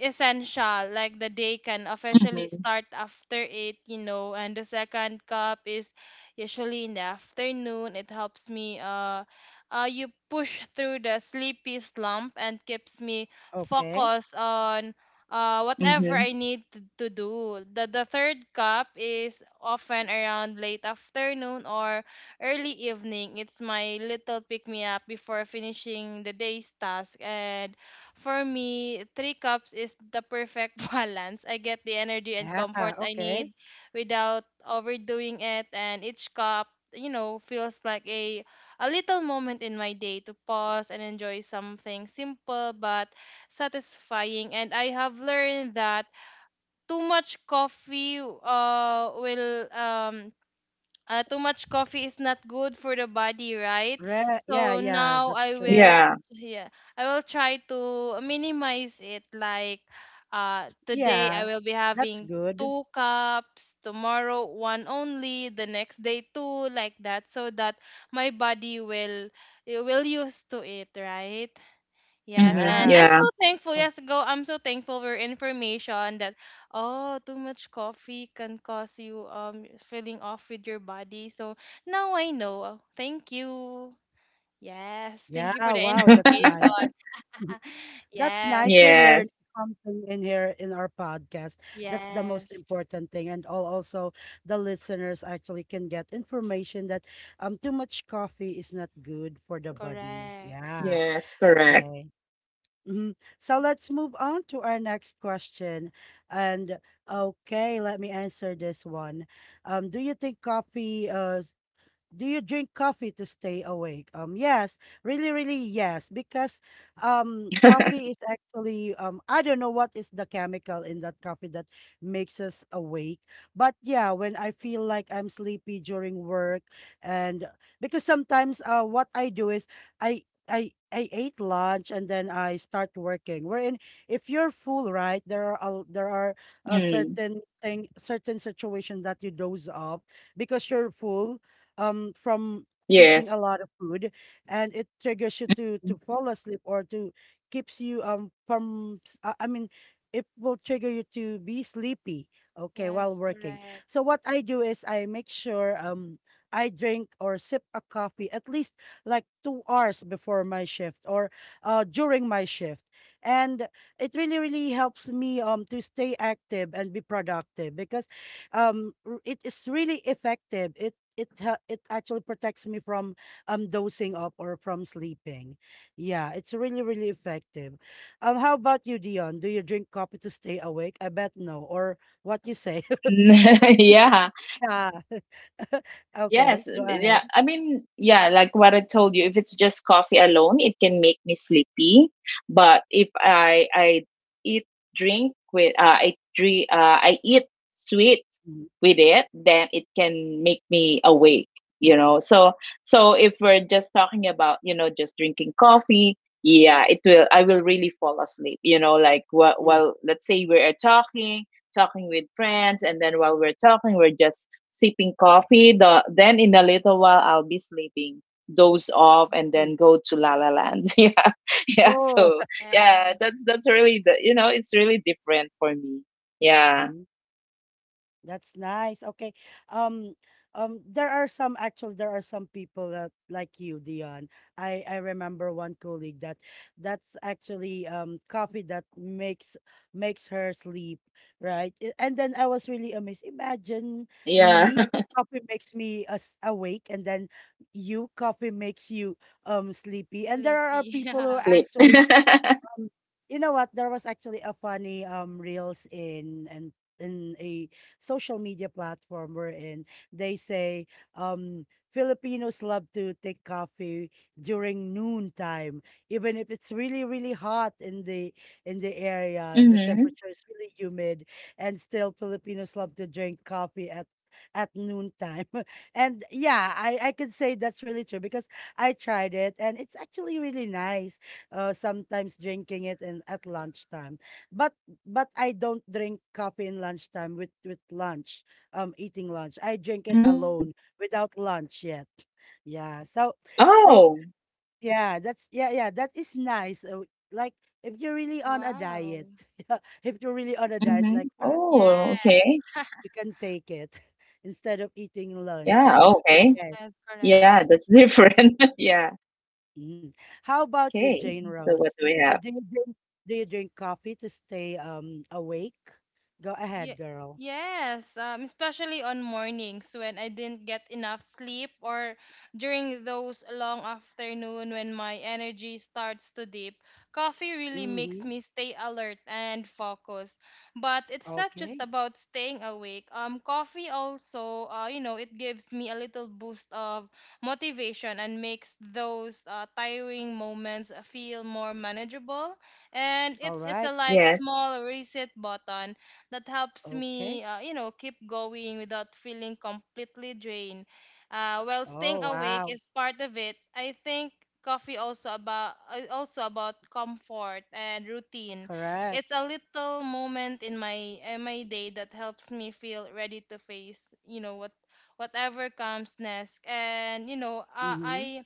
S3: essential, like the day can officially
S2: mm-hmm,
S3: start after 8, you know. And the second cup is usually in the afternoon. It helps me you push through the sleepy slump and keeps me
S1: Okay.
S3: focused on whatever I
S2: mm-hmm.
S3: need to do. The third cup is often around late afternoon or early evening. It's my little pick me up before finishing the day's task. And for me, three cups is the perfect balance. I get the energy and
S1: Yeah.
S3: comfort I
S1: Okay.
S3: need without overdoing it, and each cup, you know, feels like a little moment in my day to pause and enjoy something simple but satisfying. And I have learned that too much coffee uh will um too much coffee is not good for the body, right?
S1: Yeah.
S3: So
S1: Yeah.
S3: now
S1: That's
S3: I
S1: true.
S3: will,
S2: Yeah,
S3: yeah, I will try to minimize it. Like, today I
S1: Yeah.
S3: will be
S1: That's
S3: having
S1: good.
S3: two cups, tomorrow one only, the next day two, like that, so that my body will it will used to it, right? Yes, and
S1: Yeah.
S3: I'm
S2: mm-hmm,
S3: so
S2: yeah.
S3: thankful.
S1: Oh,
S3: Yes, go. I'm so thankful for information that oh, too much coffee can cause you feeling off with your body. So now I know. Thank you. Yes,
S1: yeah.
S3: thank you for the
S1: Wow. That's
S3: information.
S1: nice. That's nice.
S3: Yes,
S1: You're learning
S2: Yes,
S1: something in here in our podcast. That's the most
S3: yes,
S1: important thing. And all also the listeners actually can get information that too much coffee is not good for the body.
S3: correct.
S1: Yeah.
S2: yes,
S1: Okay.
S2: correct.
S1: Hmm. So let's move on to our next question. And okay, let me answer this one. Do you think coffee do you drink coffee to stay awake? Yes, really, really, yes, because coffee is actually I don't know what is the chemical in that coffee that makes us awake, but yeah, when I feel like I'm sleepy during work, and because sometimes what I do is I. I ate lunch and then I start working. Wherein, if you're full, right, there are a
S2: Mm,
S1: certain thing, certain situation that you doze off because you're full from eating a
S2: yes.
S1: lot of food, and it triggers you to fall asleep or to keeps you I mean it will trigger you to be sleepy, okay, while
S3: Yes,
S1: working.
S3: correct.
S1: So what I do is I make sure I drink or sip a coffee at least like 2 hours before my shift or during my shift. And it really really helps me to stay active and be productive because it is really effective, it it actually protects me from dozing up or from sleeping. Yeah, it's really really effective. How about you, Dion? Do you drink coffee to stay awake? I bet no, or what you say? because we-
S2: Yeah.
S1: yeah. Okay,
S2: Yes,
S1: go ahead.
S2: yeah. I mean, yeah, like what I told you, if it's just coffee alone, it can make me sleepy. But if I I eat drink with I drink I eat sweet
S1: Mm,
S2: with it, then it can make me awake, you know. So so if we're just talking about, you know, just drinking coffee, yeah, it will I will really fall asleep, you know, like
S1: mm,
S2: while let's say we're talking, talking with friends, and then while we're talking, we're just sipping coffee. Then in a little while I'll be sleeping, doze off, and
S1: mm.
S2: then go to La La Land. Yeah, yeah.
S1: Oh.
S2: So yeah,
S3: Yes,
S2: that's really the, you know, it's really different for me. Yeah,
S1: That's nice. Okay. Um, there are some, actually there are some people that, like you, Dion. I remember one colleague that that's actually coffee that makes makes her sleep, right? And then I was really amazed. Imagine
S2: yeah.
S1: me, coffee makes me as awake, and then you, coffee makes you sleepy. And there are
S3: sleepy.
S1: people who
S3: Yeah.
S2: Sleep.
S1: actually
S2: Mm-hmm.
S1: um, you know what? There was actually a funny reels in and in a social media platform wherein they say um Filipinos love to take coffee during noontime, even if it's really, really hot in the area, the temperature is really humid, and still Filipinos love to drink coffee at noontime. And yeah, I could say that's really true because I tried it and it's actually really nice, sometimes drinking it in at lunchtime. But but I don't drink coffee in lunchtime with lunch, eating lunch. I drink it
S2: Mm-hmm.
S1: alone without lunch yet. Yeah. So so
S2: Oh.
S1: yeah, that's yeah yeah that is nice. Like if you're really on a
S3: Wow.
S1: diet, yeah, if you're really on a diet
S2: Mm-hmm.
S1: like fasting,
S2: Oh.
S3: Yes,
S2: Okay.
S1: you can take it instead of eating
S2: Yeah.
S1: lunch.
S2: Oh, okay.
S1: Okay.
S3: yes, correct.
S2: Yeah, that's different. Yeah.
S1: Mm. How about you,
S2: Okay.
S1: Jane
S2: So what
S1: Rose?
S2: do we have?
S1: Do you drink do you drink coffee to stay awake? Go ahead,
S3: Ye-
S1: girl.
S3: yes, especially on mornings when I didn't get enough sleep or during those long afternoon when my energy starts to dip. Coffee really makes
S1: Mm-hmm.
S3: me stay alert and focused. But it's not just
S1: Okay.
S3: about staying awake. Coffee also, you know, it gives me a little boost of motivation and makes those tiring moments feel more manageable. And
S1: All
S3: it's
S1: right.
S3: a like
S2: Yes.
S3: small reset button that helps
S1: Okay.
S3: me, you know, keep going without feeling completely drained. While staying
S1: Oh,
S3: awake
S1: wow.
S3: is part of it, I think coffee also about comfort and routine.
S1: Correct.
S3: It's a little moment in my day that helps me feel ready to face, you know, whatever comes next. And you know,
S1: Mm-hmm.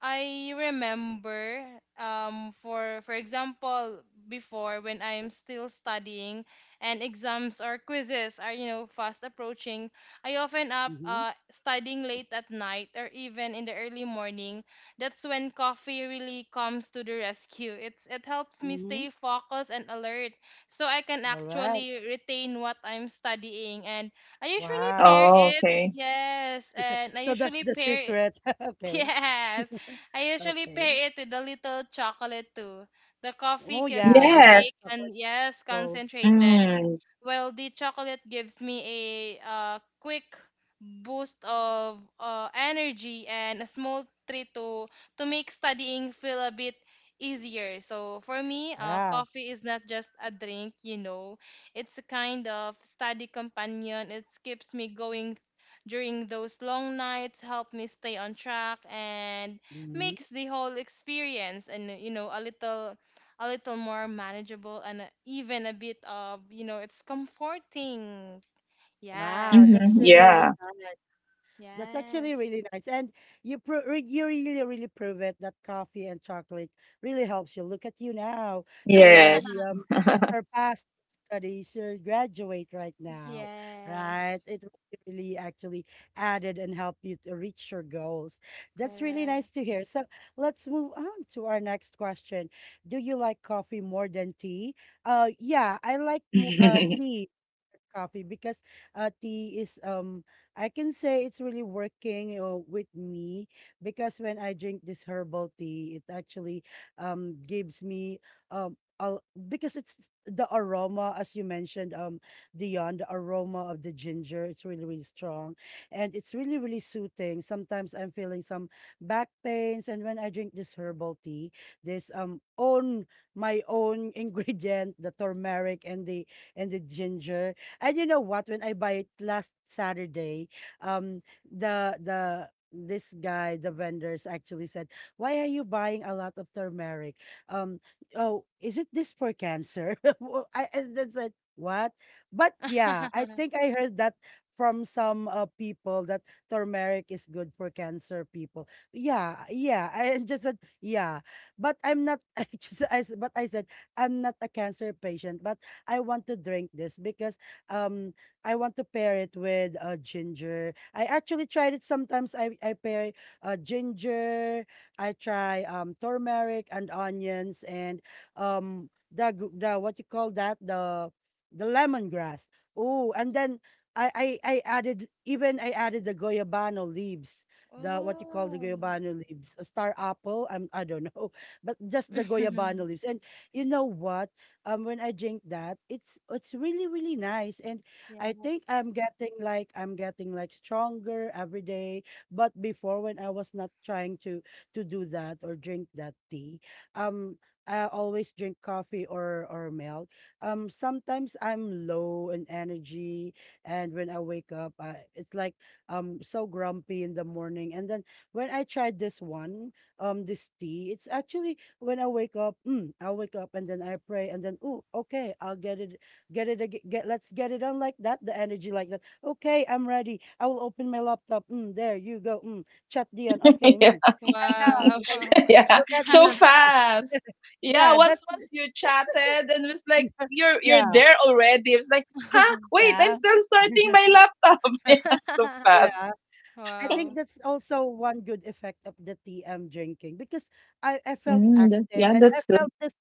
S3: I remember for example, before when I'm still studying and exams or quizzes are you know fast approaching, I often up
S1: Mm-hmm.
S3: studying late at night or even in the early morning. That's when coffee really comes to the rescue. It's it helps me
S1: Mm-hmm.
S3: stay focused and alert so I can
S1: All right.
S3: actually retain what I'm studying, and I usually pair
S1: Wow.
S2: Oh,
S3: it.
S2: okay.
S3: Yes, and I
S1: So that's
S3: usually
S1: the
S3: pair.
S1: secret. Okay.
S3: Yes. I usually
S1: Okay.
S3: pair it with a little chocolate too. The coffee
S1: Oh
S3: keeps
S1: yeah,
S3: me
S1: the dark
S2: Yes.
S3: awake
S1: chocolate
S3: and yes,
S1: full.
S3: concentrated.
S2: Mm.
S3: Well, the chocolate gives me a quick boost of energy and a small treat to make studying feel a bit easier. So for me,
S1: Yeah.
S3: coffee is not just a drink, you know. It's a kind of study companion. It keeps me going during those long nights, help me stay on track, and
S1: Mm-hmm.
S3: makes the whole experience, and you know, a little more manageable and even a bit of, you know, it's comforting.
S1: Wow, that's
S2: Mm-hmm.
S3: Yes.
S1: really, really
S2: Yeah.
S1: nice. That's actually
S3: Yes.
S1: really nice. And you you really really prove it that coffee and chocolate really helps you. Look at you now. You already
S2: Yes.
S1: surpassed studies. You graduate right now, right?
S3: Yes.
S1: It really actually added and helped you to reach your goals. That's really nice
S3: Correct.
S1: to hear. So let's move on to our next question. Do you like coffee more than tea? Yeah, I like tea coffee because tea is I can say it's really working, with me because when I drink this herbal tea, it actually gives me because it's the aroma, as you mentioned, Dion, the aroma of the ginger, it's really really strong, and it's really really soothing. Sometimes I'm feeling some back pains, and when I drink this herbal tea, this own my own ingredient, the turmeric and the ginger. And you know what? When I buy it last Saturday, the this guy, the vendors actually said, "Why are you buying a lot of turmeric? Um, oh, is it this for cancer?" Well, I and then said, "What?" But yeah, I think I heard that from some people that turmeric is good for cancer people. Yeah, yeah. I just said, "Yeah," but I'm not. I just I s- but I said I'm not a cancer patient, but I want to drink this because um I want to pair it with ginger. I actually tried it sometimes. I pair ginger, I try turmeric and onions and the what you call that, the lemongrass. Oh, and then I added, even I added the goyabano leaves, the what you call the
S3: Oh.
S1: goyabano leaves, a star apple. I'm I don't know, but just the goyabano leaves. And you know what? When I drink that, it's really really nice, and I
S3: Yeah.
S1: think I'm getting like stronger every day. But before, when I was not trying to do that or drink that tea, um. I always drink coffee or milk. Sometimes I'm low in energy, and when I wake up, I, it's like so grumpy in the morning. And then when I tried this one, this tea, it's actually when I wake up, I'll wake up and then I pray and then oh, okay, I'll get it, get it, get let's get it on like that. The energy like that. Okay, I'm ready. I will open my laptop. Mm, there you go. Mm, chat Dion. Okay.
S2: Yeah.
S1: Mm. And now, right,
S3: Wow.
S2: Yeah.
S1: look at
S2: So
S1: me.
S2: fast. Yeah,
S1: Yeah,
S2: once
S1: that's
S2: once you chatted and it was like you're
S1: yeah,
S2: there already. It was like, huh, wait, I'm
S1: Yeah.
S2: still starting my laptop. Yeah, so fast.
S1: yeah. I think
S3: Wow.
S1: that's also one good effect of the tea I'm drinking because I felt
S2: Mm, that's
S1: active
S2: yeah,
S1: and I
S2: that's good.
S1: felt this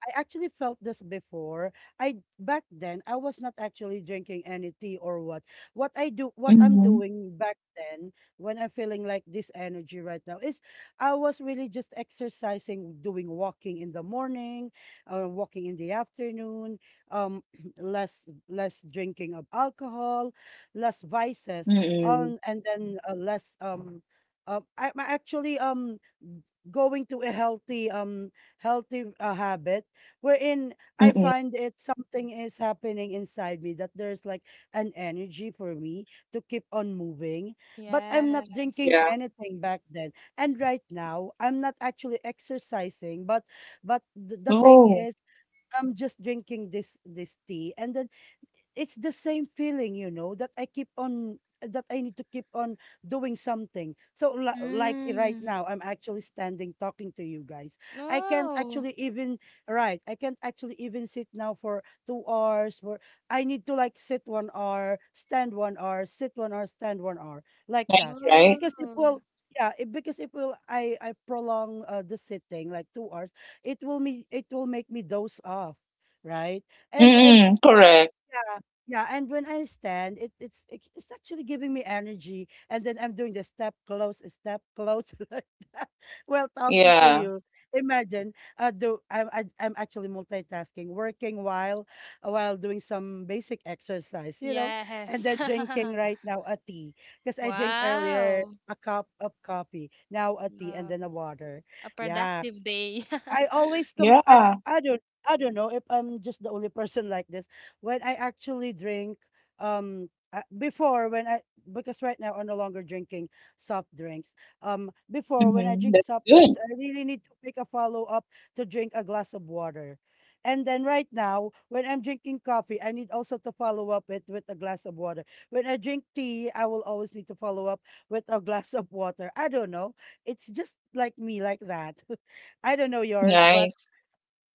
S1: I actually felt this before. I back then I was not actually drinking any tea or what. What I do what I'm
S2: Mm-hmm.
S1: doing back then when I'm feeling like this energy right now is I was really just exercising, doing walking in the morning, walking in the afternoon, um less less drinking of alcohol, less vices,
S2: Mm-mm.
S1: on and then less I'm actually going to a healthy healthy, habit wherein I
S2: Mm-mm.
S1: find it something is happening inside me that there's like an energy for me to keep on moving. But I'm not drinking
S3: Yes.
S2: Yeah.
S1: anything back then. And right now, I'm not actually exercising, but the thing
S2: Oh,
S1: is I'm just drinking this this tea and then it's the same feeling, you know, that I keep on that I need to keep on doing something. So like right
S3: Mm.
S1: now, I'm actually standing talking to you guys. I can't
S3: Oh.
S1: actually even right. I can't actually even sit now for 2 hours. For I need to like sit 1 hour, stand 1 hour, sit 1 hour, stand 1 hour, like that.
S2: nice, right?
S1: Because it
S3: Oh.
S1: will. Yeah, it, because it will I prolong, the sitting like 2 hours. It will me it will make me doze off, right? And
S2: Mm-mm. Correct.
S1: yeah, yeah. And when I stand, it, it's actually giving me energy. And then I'm doing the step close like that while talking to
S2: Yeah.
S1: you. Imagine, do I'm actually multitasking, working while doing some basic exercise, you know, and
S3: Yes.
S1: then drinking right now a tea because I drink earlier
S3: Wow.
S1: a cup of coffee, now a tea, and
S3: Wow.
S1: then a water.
S3: A
S1: Yeah.
S3: productive day.
S1: I always com I
S2: Yeah.
S1: I don't I don't know if I'm just the only person like this. When I actually drink, before when I because right now I'm no longer drinking soft drinks. Before when I
S2: Mm-hmm.
S1: drink
S2: That's
S1: soft
S2: good.
S1: drinks, I really need to pick a follow up to drink a glass of water. And then right now, when I'm drinking coffee, I need also to follow up it with a glass of water. When I drink tea, I will always need to follow up with a glass of water. I don't know. It's just like me, like that. I don't know yours, but
S2: Nice.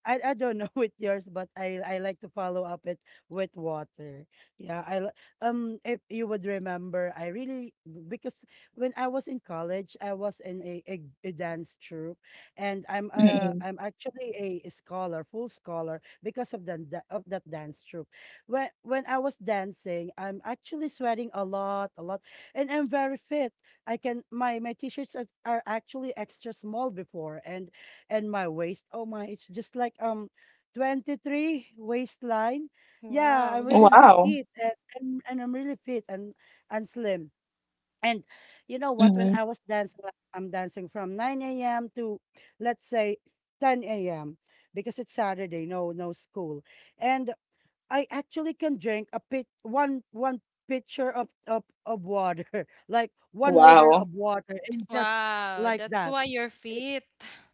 S1: I don't know with yours, but I like to follow up it with water. Yeah, if you would remember, I really because when I was in college, I was in a dance troupe, and
S2: Mm-mm.
S1: I'm actually a scholar, full scholar because of the of that dance troupe. When I was dancing, I'm actually sweating a lot, and I'm very fit. I can my my t-shirts are actually extra small before, and my waist. Oh my, it's just like 23 waistline. Yeah,
S3: Wow.
S1: I'm really
S2: Wow.
S1: petite and I'm really fit and slim. And you know what?
S2: Mm-hmm.
S1: When I was dancing, like I'm dancing from 9 a.m. to let's say 10 a.m. because it's Saturday, no no school. And I actually can drink a pit one one pitcher of water, like 1 liter
S2: Wow.
S1: of water in just
S3: Wow,
S1: like
S3: that's
S1: that
S3: why you're fit.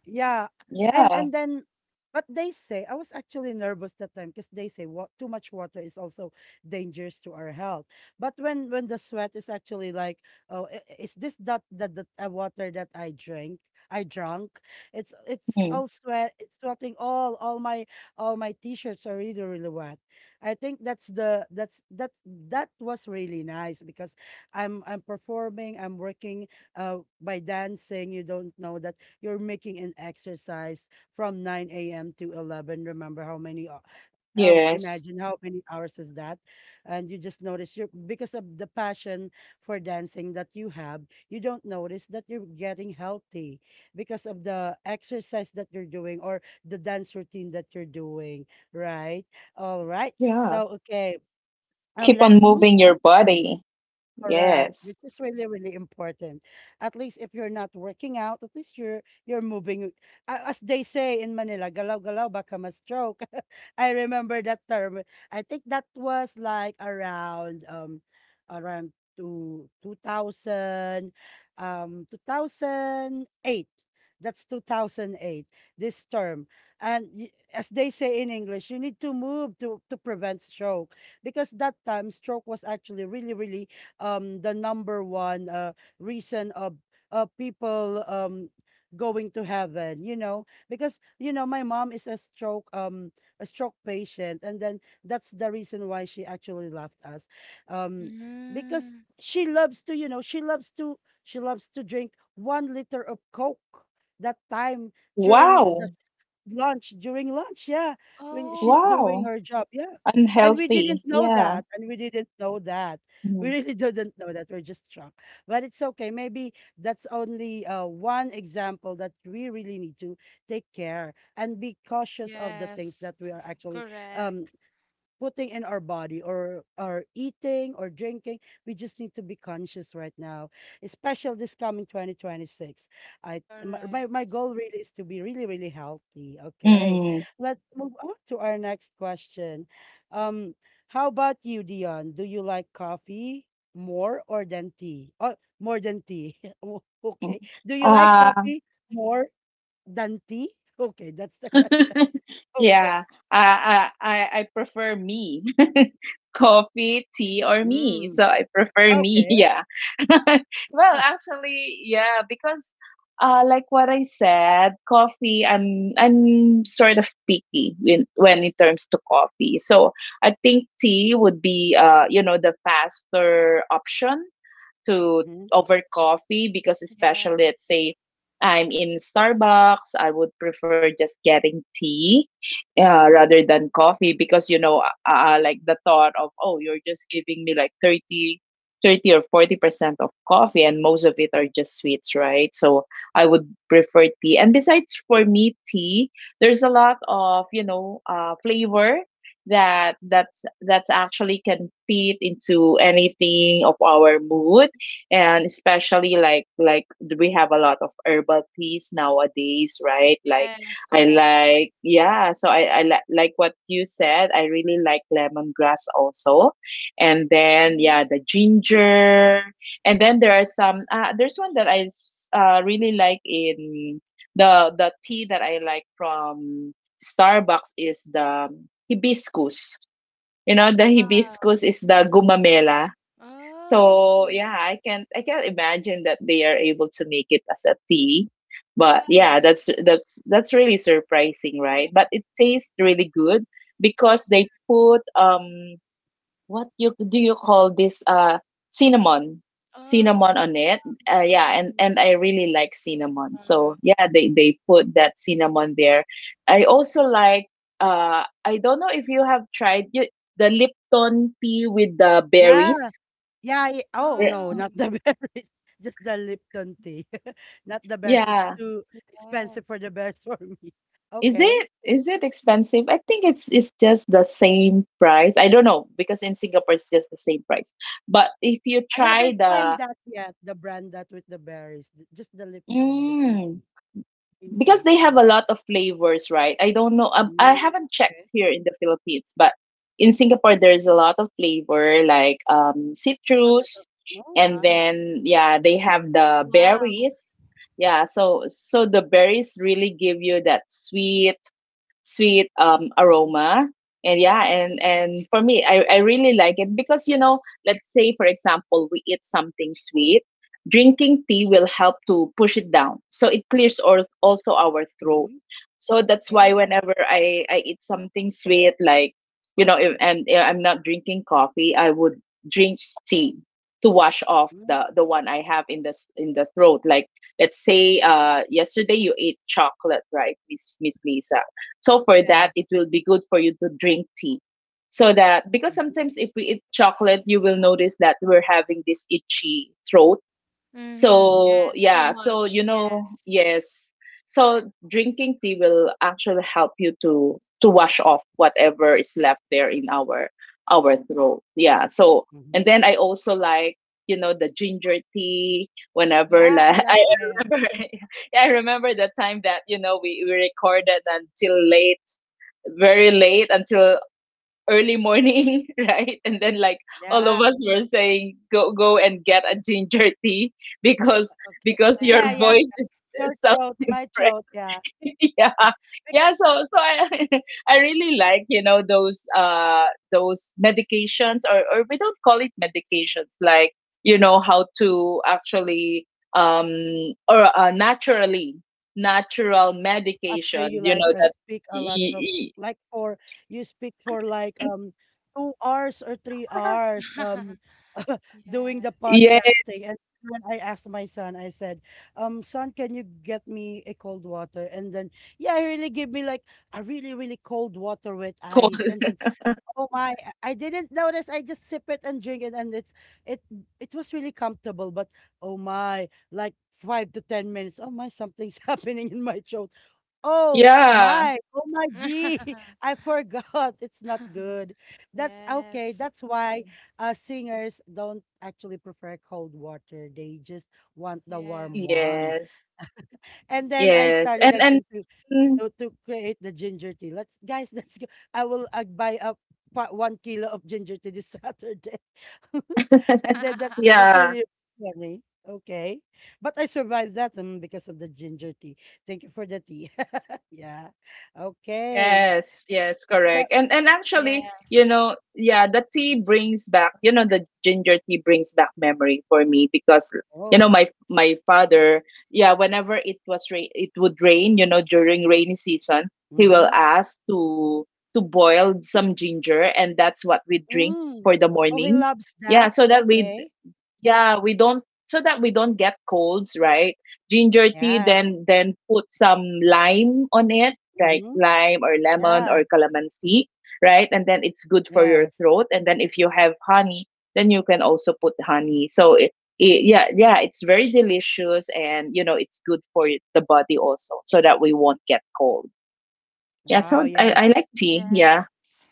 S1: yeah.
S2: Yeah.
S1: And then but they say I was actually nervous that time because they say what too much water is also dangerous to our health. But when the sweat is actually like, oh, is this that the water that I drank? I drunk. It's
S2: Hmm.
S1: all sweat. It's sweating all my t-shirts are really really wet. I think that's the that's that that was really nice because I'm performing. I'm working by dancing. You don't know that you're making an exercise from 9 a.m. to 11. Remember how many,
S2: Yes.
S1: imagine how many hours is that? And you just notice because of the passion for dancing that you have, you don't notice that you're getting healthy because of the exercise that you're doing or the dance routine that you're doing, right? All right.
S2: Yeah.
S1: So, okay.
S2: Keep on
S1: Let's move
S2: moving your
S1: on.
S2: body.
S1: Correct,
S2: Yes.
S1: which is really, really important. At least if you're not working out, at least you're moving. As they say in Manila, galaw galaw baka ma-stroke. I remember that term. I think that was like around two thousand 2008. That's 2008. This term, and as they say in English, you need to move to prevent stroke because that time stroke was actually really, really the number one reason of people going to heaven, you know, because you know my mom is a stroke patient, and then that's the reason why she actually left us. um because
S3: Mm.
S1: she loves to you know she loves to drink 1 liter of coke that time during the
S2: Wow.
S1: lunch, yeah, when she's
S3: Oh,
S1: doing
S2: Wow.
S1: her job, yeah. And
S2: Unhealthy. Yeah.
S1: we didn't know that we
S2: Mm-hmm.
S1: really didn't know that. We're just drunk. But it's okay. Maybe that's only one example that we really need to take care and be cautious of the things
S3: yes.
S1: that we are actually, um,
S3: Correct.
S1: putting in our body or our eating or drinking. We just need to be conscious right now, especially this coming 2026. My my
S3: Correct.
S1: goal really is to be really, really healthy. Okay.
S2: Mm-hmm.
S1: Let's move on to our next question. Um, how about you, Dion? Do you like coffee more or than tea? Oh, more than tea.
S2: Mm-hmm.
S1: Do you like
S2: Uh,
S1: coffee more than tea? Okay, that's the question. Okay.
S2: yeah, I I prefer me. Coffee, tea, or me.
S1: Mm,
S2: So I prefer me.
S1: okay.
S2: Yeah. Well, actually, yeah, because like what I said, coffee. I'm sort of picky when it comes to coffee. So I think tea would be you know the faster option to
S1: Mhm,
S2: over coffee because
S3: Yeah.
S2: especially let's say I'm in Starbucks, I would prefer just getting tea
S1: mhm.
S2: rather than coffee because you know like the thought of oh you're just giving me like 30 or 40% of coffee and most of it are just sweets, right? So I would prefer tea. And besides for me tea, there's a lot of, you know, flavor that's actually can fit into anything of our mood and especially like we have a lot of herbal teas nowadays, right? Like
S3: Yes,
S2: I
S3: correct.
S2: like, yeah. So like what you said, I really like lemongrass also. And then yeah,
S3: Mhm.
S2: the ginger. And then there are some there's one that I really like in the tea that I like from Starbucks is the hibiscus. You know the hibiscus
S3: Wow.
S2: is the gumamela.
S3: Oh,
S2: So yeah, I can't imagine that they are able to make it as a tea. But
S3: yes.
S2: yeah, that's really surprising,
S3: Yeah.
S2: right? But it tastes really good because
S3: Mhm.
S2: they put what you do you call this cinnamon.
S3: Oh,
S2: Cinnamon on it.
S3: oh,
S2: Yeah, and I really like cinnamon.
S3: wow.
S2: So yeah, they put that cinnamon there. I also like I don't know if you have tried the Lipton tea with the
S1: Yeah,
S2: berries.
S1: yeah, ye oh, no, not
S3: Oh,
S1: the berries, just the Lipton tea. Not the bears, it's
S2: Yeah.
S1: too
S3: yeah.
S1: expensive for the bears for me.
S2: Is
S1: Okay.
S2: it expensive? I think it's just the same price. I don't know because in Singapore it's just the same price. But if you
S1: I
S2: try
S1: haven't tried
S2: the
S1: that yet, the brand that with the berries, just the Lipton, the green
S2: mm,
S1: tea, green
S2: because
S1: tea.
S2: they
S1: Oh,
S2: have a lot of flavors, right? I don't know. I
S1: mm,
S2: haven't
S1: okay.
S2: checked here in the Philippines, but in Singapore there's a lot of flavor like
S1: A lot
S2: citrus,
S1: of oh,
S2: and
S1: wow.
S2: then yeah, they have the
S3: Wow.
S2: berries. Yeah, so so the berries really give you that sweet
S1: Mhm,
S2: aroma. And yeah,
S1: okay.
S2: and for me, I really like it because you know, let's say for example, we eat something sweet, drinking tea will help to push it down. So it clears or also our throat.
S1: Mm-hmm.
S2: So that's why
S1: Okay.
S2: whenever I eat something sweet, like you know, if, and if I'm not drinking coffee, I would drink tea to wash off
S1: Mm,
S2: the one I have in the in the throat. Like let's say yesterday you ate chocolate, right, Miss Lisa? So for that,
S1: yes.
S2: it will be good for you to drink tea. So that because
S1: Mm-hmm.
S2: sometimes if we eat chocolate, you will notice that we're having this itchy throat.
S3: Mm-hmm.
S1: Mm-hmm.
S2: So,
S3: Yes, too
S2: yeah, so
S3: much.
S2: you know,
S3: Yes.
S2: yes. So drinking tea will actually help you to wash off whatever is left there in our throat. Yeah. So
S1: Mm-hmm.
S2: and then I also like, you know, the ginger tea whenever
S1: Yeah, I
S2: like
S1: like
S2: I
S1: it.
S2: remember yeah, I remember the time that, you know, we recorded until late, very late until early morning, right? And then like all
S1: Yeah.
S2: of us were saying, go and get a ginger tea because
S1: Okay.
S2: because your
S1: Yeah,
S3: Yes.
S1: yeah.
S2: voice is
S1: Your
S2: sounds
S1: throat, my throat,
S2: different.
S1: yeah.
S2: yeah,
S1: Because
S2: yeah. So so I I really like, you know, those medications or we don't call it medications, like you know how to actually um or naturally natural
S1: after
S2: medication,
S1: you
S2: you
S1: like
S2: know that
S1: speak a lot
S2: y-
S1: of,
S2: y-
S1: like, for
S2: y-
S1: you speak for like 2 hours or three hours, doing
S3: Yeah.
S1: the podcasting.
S2: yes
S1: And then I asked my son, I said, son, can you get me a cold water? And then, yeah, he really gave me like a really, really cold water with
S2: call.
S1: ice. And then, oh my, I didn't notice. I just sip it and drink it. And it, it was really comfortable. But oh my, like five to 10 minutes, oh my, something's happening in my throat. Oh
S2: Yeah.
S1: my, oh my g! I forgot. It's not good. That's okay.
S3: Yes.
S1: That's why singers don't actually prefer cold water. They just want the warm
S3: Yes.
S1: one.
S2: Yes.
S1: And then I
S2: Yes.
S1: started again to
S2: And
S1: to create the ginger tea. Let's, guys, let's go. I will buy a 1 kilo of ginger tea this Saturday. And then that's that's
S2: Yeah.
S1: really funny. Okay. But I survived that, because of the ginger tea. Thank you for the tea. Yeah. Okay.
S2: Yes, yes,
S1: Is that
S2: correct. And actually, you
S3: Yes.
S2: know, yeah, the tea brings back, you know, the ginger tea brings back memory for me because you know,
S1: oh.
S2: my father, yeah, whenever it was rain, it would rain, you know, during rainy season, he
S1: Mm-hmm.
S2: will ask to boil some ginger and that's what we drink
S1: Mm.
S2: for the
S1: Oh, he
S2: morning.
S1: loves that.
S2: Yeah, so that we
S1: Okay.
S2: yeah, we don't so that we don't get colds, right? Ginger tea,
S1: Yes.
S2: then put some lime on it, like
S1: Mm-hmm.
S2: lime or lemon
S1: Yeah.
S2: or calamansi, right? And then it's good for your
S1: Yes.
S2: throat. And then if you have honey, then you can also put honey. So it yeah, yeah, it's very delicious, and you know it's good for the body also, so that we won't get cold. Yeah,
S1: Wow,
S2: so I
S1: yes.
S2: like tea. Yeah.
S3: Yes.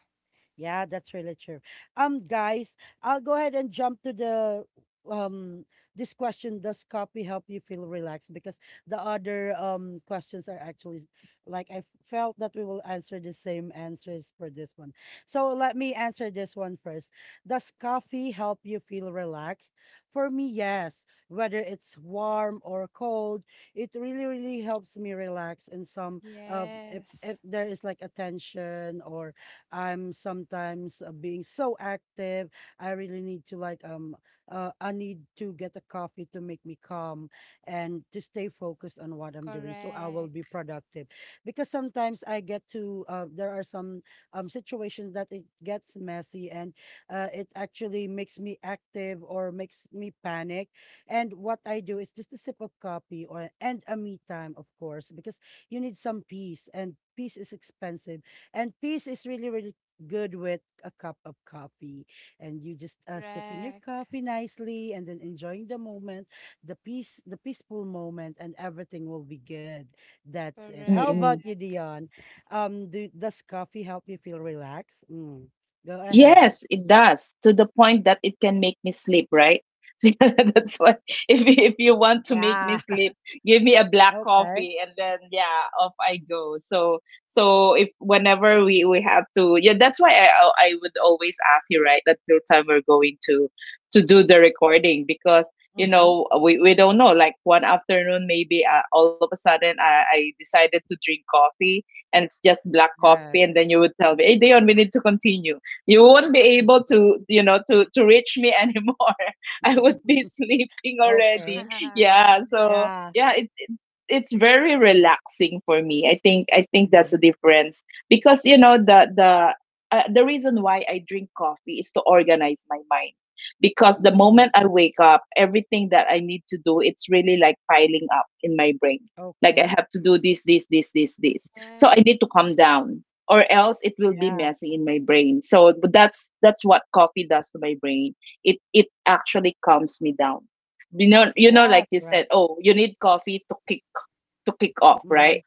S1: Yeah, that's really true. Guys, I'll go ahead and jump to the um this question. Does coffee help you feel relaxed? Because the other questions are actually like I felt that we will answer the same answers for this one. So let me answer this one first. Does coffee help you feel relaxed? For me, yes. Whether it's warm or cold, it really, really helps me relax. And some, if
S3: Yes.
S1: there is like a tension or I'm sometimes being so active. I really need to like I need to get a coffee to make me calm and to stay focused on what I'm doing so I will be
S3: Correct.
S1: productive. Because sometimes I get to there are some situations that it gets messy and, it actually makes me active or makes me panic. And what I do is just a sip of coffee or and a me time, of course, because you need some peace, and peace is expensive. And peace is really, really good with a cup of coffee. And you just sipping your
S3: Correct.
S1: coffee nicely and then enjoying the moment, the peace, the peaceful moment, and everything will be good. That's it. How
S2: Mm-mm.
S3: Correct.
S1: about you, Dion? Does coffee help you feel relaxed? Mm. Go ahead.
S2: Yes, it does to the point that it can make me sleep, right? So that's why if you want to make me
S1: Yeah.
S2: sleep, give me a black
S1: Okay.
S2: coffee and then yeah, off I go. So so if whenever we have to yeah, that's why I would always ask you right until time we're going to do the recording because you
S1: Mm-hmm.
S2: know we don't know like one afternoon maybe all of a sudden I decided to drink coffee and it's just black coffee, and
S1: Yes.
S2: then you would tell me, hey Dion, we need to continue. You won't be able to you know to reach me anymore. I would be sleeping already.
S1: Okay.
S3: Yeah.
S2: Yeah, so
S1: Yeah.
S2: yeah it it's very relaxing for me. I think that's the
S1: Mm-hmm.
S2: difference because you know the reason why I drink coffee is to organize my mind because the
S1: Mm.
S2: moment I wake up everything that I need to do it's really like piling up in my brain. Like I
S1: Okay.
S2: have to do this this this this this. So I need
S3: Yes.
S2: to calm down, or else it will be
S1: Yeah.
S2: messy in my brain. So but that's what coffee does to my brain. It actually calms me down. You know,
S1: Yeah.
S2: like you said,
S1: Correct.
S2: oh, you need coffee to kick off,
S1: Mm-hmm.
S2: right?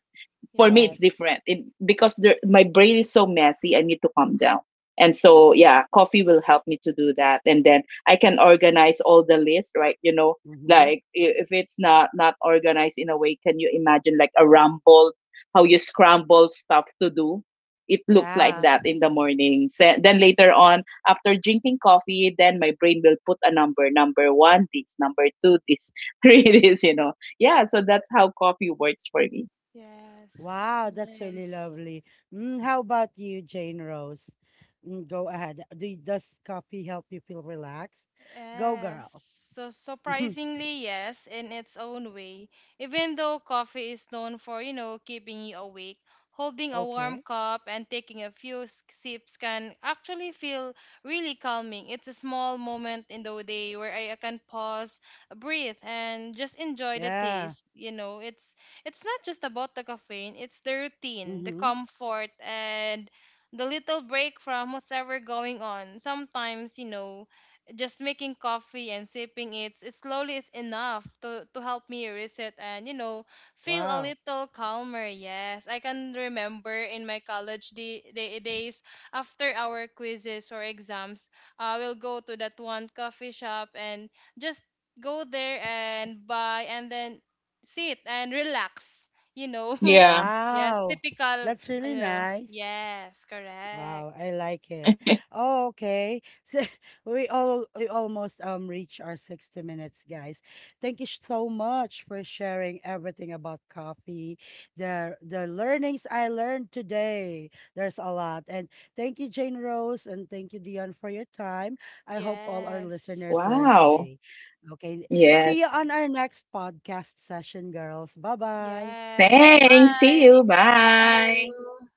S2: For me
S3: Yes.
S2: it's
S1: Yes.
S2: different it, because there, my brain is so messy. I need to calm down, and so yeah coffee will help me to do that, and then I can organize all the list, right, you know,
S1: Mm-hmm.
S2: like I- if it's not not organized in a way, can you imagine like a rumble, how you scramble stuff to do, it looks like that
S1: Yeah.
S2: in the morning. Then later on after drinking coffee, then my brain will put a number, number one this, number two this, three this, you know. Yeah, so that's how coffee works for me.
S3: Yes.
S1: Wow, that's really
S3: Nice.
S1: lovely. Mm, how about you, Jane Rose? Mm, go ahead. Do does coffee help you feel relaxed? Go, girl.
S3: Yes. So surprisingly, yes, in its own way. Even though coffee is known for, you know, keeping you awake, holding a warm
S1: Okay.
S3: cup and taking a few sips can actually feel really calming. It's a small moment in the day where I can pause, breathe, and just enjoy the
S1: Yeah.
S3: taste. You know, it's not just about the caffeine, it's the routine, the
S1: Mm-hmm.
S3: comfort, and the little break from whatever going on. Sometimes, you know, just making coffee and sipping it slowly is enough to help me reset and you know feel a
S1: Wow.
S3: little calmer. Yes, I can remember in my college days, after our quizzes or exams I will go to that one coffee shop and just go there and buy and then sit and relax, you know.
S2: Yeah.
S3: Yes,
S1: Wow.
S3: typical.
S1: That's
S3: You
S1: really
S3: know.
S1: nice.
S3: Yes, correct.
S1: Wow, I like it. Oh, okay. So we all we almost reach our 60 minutes, guys. Thank you so much for sharing everything about coffee. The learnings I learned today. There's a lot. And thank you, Jane Rose, and thank you, Dion, for your time. I hope all our
S3: Yes.
S1: listeners learned
S2: Wow.
S1: today. Okay. See you
S2: Yes.
S1: on our next podcast session, girls. Bye-bye.
S3: Yes.
S2: Thanks. See
S3: Bye. Thank
S2: you. Bye.
S3: you.